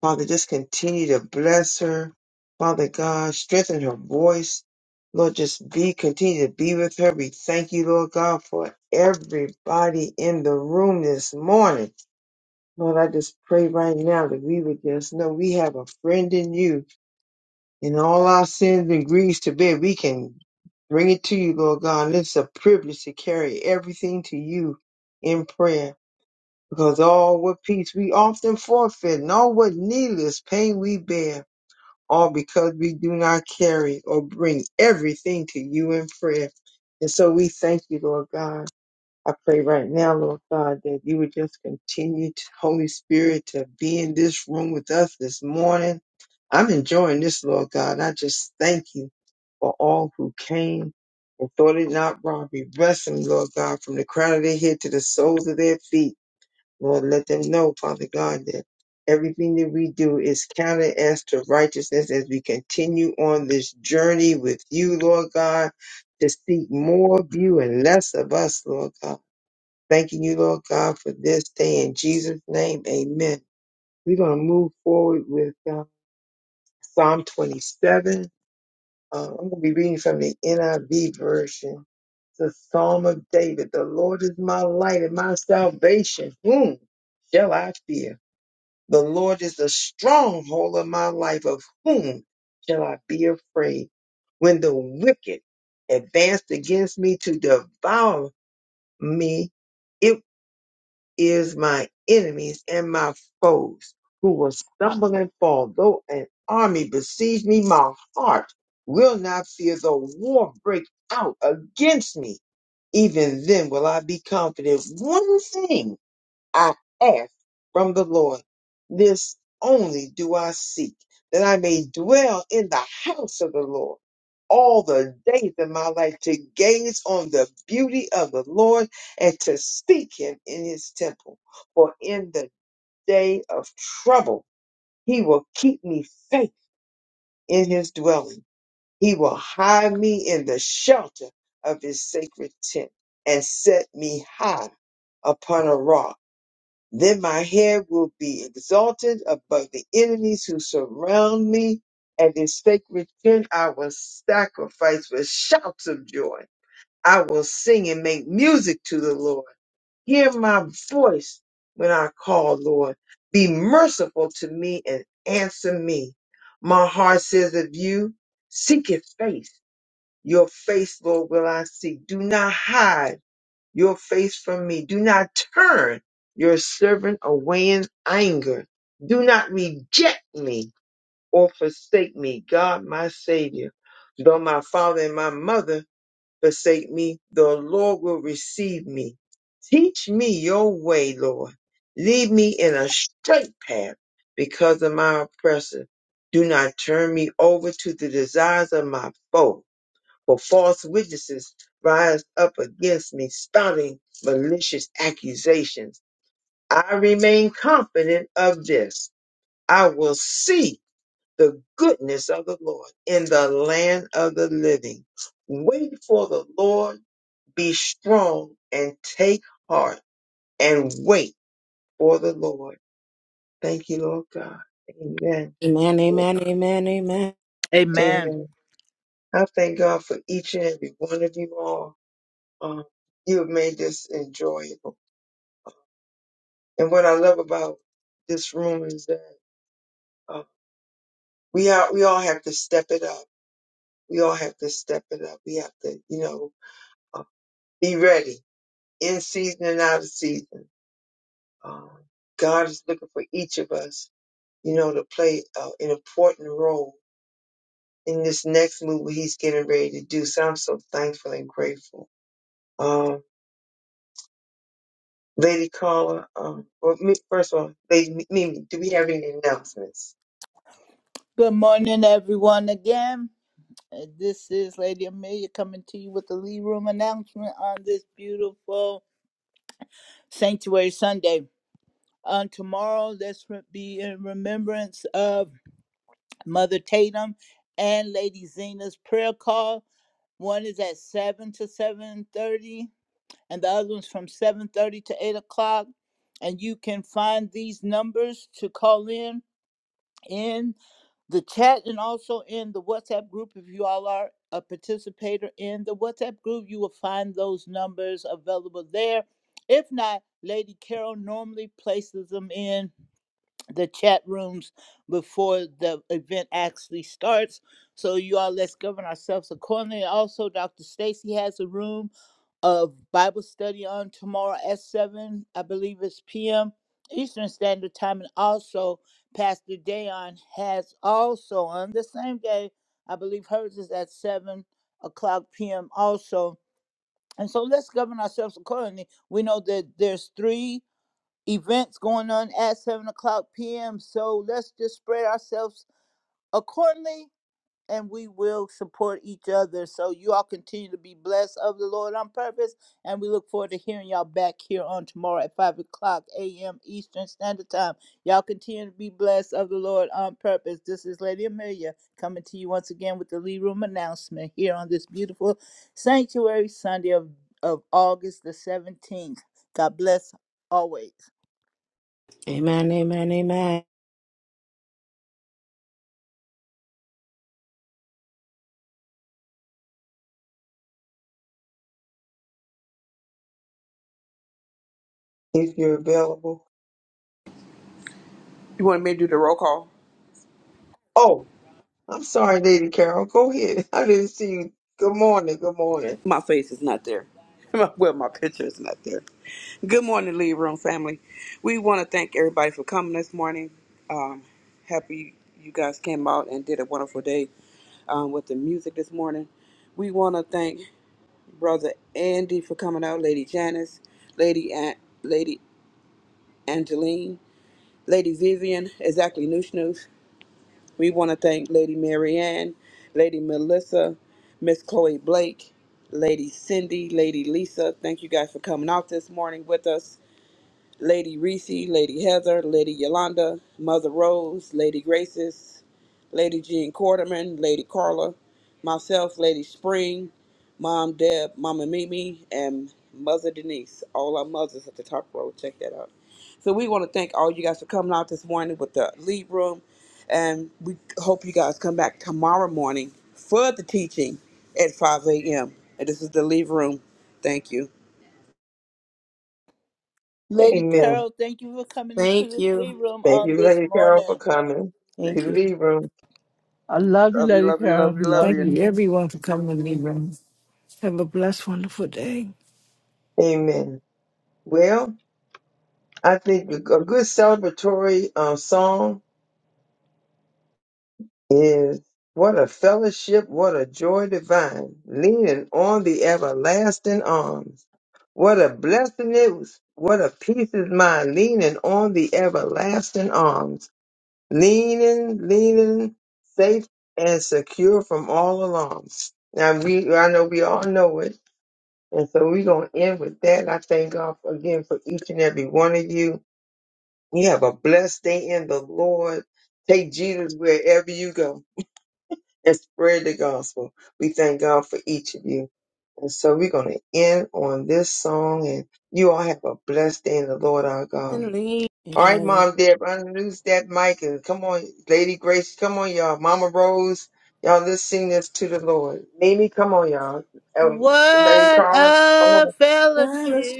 Father, just continue to bless her. Father God, strengthen her voice. Lord, just be, continue to be with her. We thank you, Lord God, for everybody in the room this morning. Lord, I just pray right now that we would just know we have a friend in you and all our sins and griefs to bear. We can bring it to you, Lord God. And it's a privilege to carry everything to you in prayer because all what peace we often forfeit and all what needless pain we bear, all because we do not carry or bring everything to you in prayer. And so we thank you, Lord God. I pray right now, Lord God, that you would just continue, to, Holy Spirit, to be in this room with us this morning. I'm enjoying this, Lord God. I just thank you for all who came and thought it not robbery. Bless them, Lord God, from the crown of their head to the soles of their feet. Lord, let them know, Father God, that everything that we do is counted as to righteousness as we continue on this journey with you, Lord God, to seek more of you and less of us, Lord God. Thanking you, Lord God, for this day in Jesus' name. Amen. We're going to move forward with uh, Psalm 27. Uh, I'm going to be reading from the NIV version. The Psalm of David. The Lord is my light and my salvation. Whom shall I fear? The Lord is the stronghold of my life. Of whom shall I be afraid? When the wicked advanced against me to devour me, is my enemies and my foes who will stumble and fall. Though an army besiege me, my heart will not fear. Though war break out against me, even then will I be confident. One thing I ask from the Lord. This only do I seek, that I may dwell in the house of the Lord all the days of my life, to gaze on the beauty of the Lord and to seek him in his temple. For in the day of trouble, he will keep me safe in his dwelling. He will hide me in the shelter of his sacred tent and set me high upon a rock. Then my head will be exalted above the enemies who surround me, and in sacred tent I will sacrifice with shouts of joy. I will sing and make music to the Lord. Hear my voice when I call, Lord. Be merciful to me and answer me. My heart says of you, seek your face. Your face, Lord, will I seek. Do not hide your face from me. Do not turn your servant away in anger. Do not reject me or forsake me, God my Savior. Though my father and my mother forsake me, the Lord will receive me. Teach me your way, Lord. Lead me in a straight path because of my oppressor. Do not turn me over to the desires of my foe for false witnesses rise up against me, spouting malicious accusations. I remain confident of this. I will see the goodness of the Lord in the land of the living. Wait for the Lord, be strong and take heart and wait for the Lord. Thank you, Lord God. Amen.
Amen, amen, amen, amen.
Amen.
Amen. I thank God for each and every one of you all. Um, you have made this enjoyable. And what I love about this room is that uh, we are, we all have to step it up. We all have to step it up. We have to, you know, uh, be ready in season and out of season. Um, God is looking for each of us, you know, to play uh, an important role in this next move He's getting ready to do. So I'm so thankful and grateful. Um, Lady Caller, um, well, me, first of all, Lady Mimi, do we have any announcements?
Good morning, everyone, again. Uh, This is Lady Amelia coming to you with the Lee Room announcement on this beautiful Sanctuary Sunday. On tomorrow, let's re- be in remembrance of Mother Tatum and Lady Zena's prayer call. One is at seven to seven thirty, and the other one's from seven thirty to eight o'clock. And you can find these numbers to call in in the chat and also in the WhatsApp group. If you all are a participator in the WhatsApp group, you will find those numbers available there. If not, Lady Carol normally places them in the chat rooms before the event actually starts. So you all let's govern ourselves accordingly. Also, Dr. Stacy has a room of Bible study on tomorrow at 7, I believe it's p.m. Eastern Standard Time. And also, Pastor Dayon has also on the same day, I believe hers is at 7 o'clock p.m. also. And so let's govern ourselves accordingly. We know that there's three events going on at 7 o'clock p.m. So let's just spread ourselves accordingly and we will support each other. So you all continue to be blessed of the Lord on purpose, and we look forward to hearing y'all back here on tomorrow at five o'clock a.m. Eastern Standard Time. Y'all continue to be blessed of the Lord on purpose. This is Lady Amelia coming to you once again with the Lee Room announcement here on this beautiful sanctuary Sunday of, of August the seventeenth. God bless always.
Amen, amen, amen.
If you're available.
You want me to do the roll call?
Oh. I'm sorry, Lady Carol. Go ahead. I didn't see you. Good morning. Good morning.
My face is not there. well, my picture is not there. Good morning, Lead Room family. We want to thank everybody for coming this morning. Um, happy you guys came out and did a wonderful day um, with the music this morning. We want to thank Brother Andy for coming out, Lady Janice, Lady An- Lady Angeline, Lady Vivian, exactly Noosh Noosh. We want to thank Lady Marianne, Lady Melissa, Miss Chloe Blake, Lady Cindy, Lady Lisa. Thank you guys for coming out this morning with us. Lady Reese, Lady Heather, Lady Yolanda, Mother Rose, Lady Graces, Lady Jean Quarterman, Lady Carla, myself, Lady Spring, Mom Deb, Mama Mimi, and Mother Denise. All our mothers at the top row. Check that out. So we want to thank all you guys for coming out this morning with the lead room. And we hope you guys come back tomorrow morning for the teaching at 5 a.m. And this is the lead room. Thank you.
Lady
Amen.
Carol, thank you for coming into
Thank
the Lee
you.
Room
Thank
on
you,
this
Lady Carol,
morning.
for coming
Thank
to
Thank
the
you.
you.
lead room.
I love you,
Love you,
Lady
love you,
Carol.
love you, love
Love
Thank
you.
you,
you.
everyone, for coming to the meeting room. Have a blessed, wonderful day.
Amen. Well, I think a a good celebratory um, song is What a Fellowship, What a Joy Divine, Leaning on the Everlasting Arms. What a blessing it was. What a peace is mine, leaning on the everlasting arms. leaning, leaning, safe and secure from all alarms. Now we, I know we all know it, and so we're gonna end with that. I thank God for- again for each and every one of you. You have a blessed day in the Lord. Take Jesus wherever you go and spread the gospel. We thank God for each of you. And so we're going to end on this song and you all have a blessed day in the Lord our God. All right,
Amen.
Mom, Deb, unloose that mic and come on, Lady Grace, come on, y'all. Mama Rose, y'all, let's sing this to the Lord. Mimi, come on, y'all. Um, Lady
What
Carla, come
a
on.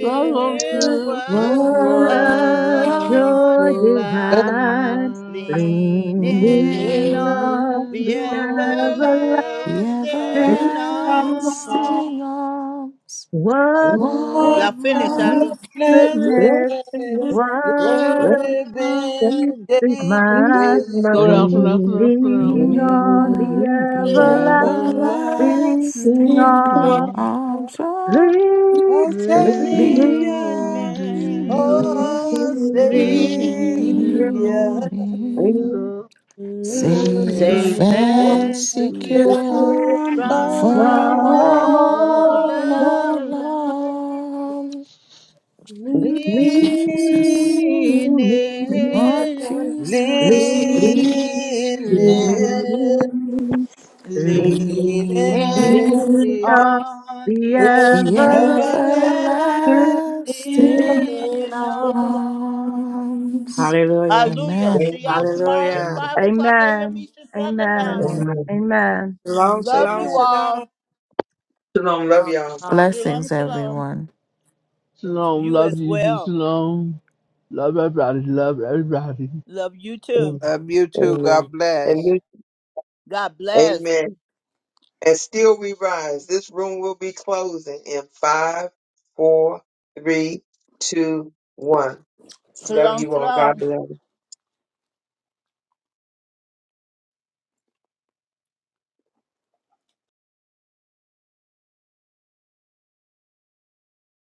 Follow to
what
What
what
a
a joy
joy
to
Blessed
divine,
divine.
the
Leaning
leaning on
on
the
the
Lean on the
The
the
everlasting.
everlasting
everlasting arm.
arm.
everlasting arms,
What
Mm,
a
what
Lord,
Y'all finished, I
the
do.
bless the
blessedness.
Let's
day,
sing it.
What a.
Let's just
This
living
is
day to
be
mine,
singing,
day,
Slow
Mama.
down, slow down, slow down, slow down.
leaning
leaning
on the
Mm,
on the
The
everlasting
oh,
everlasting
our
everlasting
let's sing
arm,
arms
arms of
leaning
leaning
is
leaning,
on
Savior,
Leaning,
Jesus,
oh Savior,
lean,
it.
leaning on
Lean
leaning,
Jesus,
on
hear
safe
safe
faithful.
you,
and
and
faithful,
the
my
secure
secure
King
humble
of
from
from
all
from
cry,
comfort.
all
all
oh.
all
the
alarm.
alone. Lean
Lean,
Thank you, Jesus.
in,
lean,
leaning,
On
lean
Jesus,
leaning,
lean,
leaning,
in,
leaning
leaning,
leaning,
on
lean
leaning on
in
lean.
the
the.
on the
the
everlasting
Amen.
everlasting.
Everlasting.
everlasting
arm.
arms.
Hallelujah.
Hallelujah.
Amen.
See y'all tomorrow at
Hallelujah.
Amen.
5 o'clock a.m.
Amen.
Eastern Standard Time.
Amen.
Amen.
Amen.
Shalom,
Love
shalom,
you
Amen.
shalom.
all.
Shalom. Love y'all.
Shalom,
Shalom,
Blessings,
shalom.
everyone.
shalom.
Shalom,
You
love
as
you,
well.
shalom. Love everybody, love everybody.
Love you
Amen.
too.
Love you too. God
Amen.
bless.
And this,
God bless.
amen. And still we rise. This room will be closing in five, four, three, two, one. Love
Shalom,
you all.
shalom.
God bless.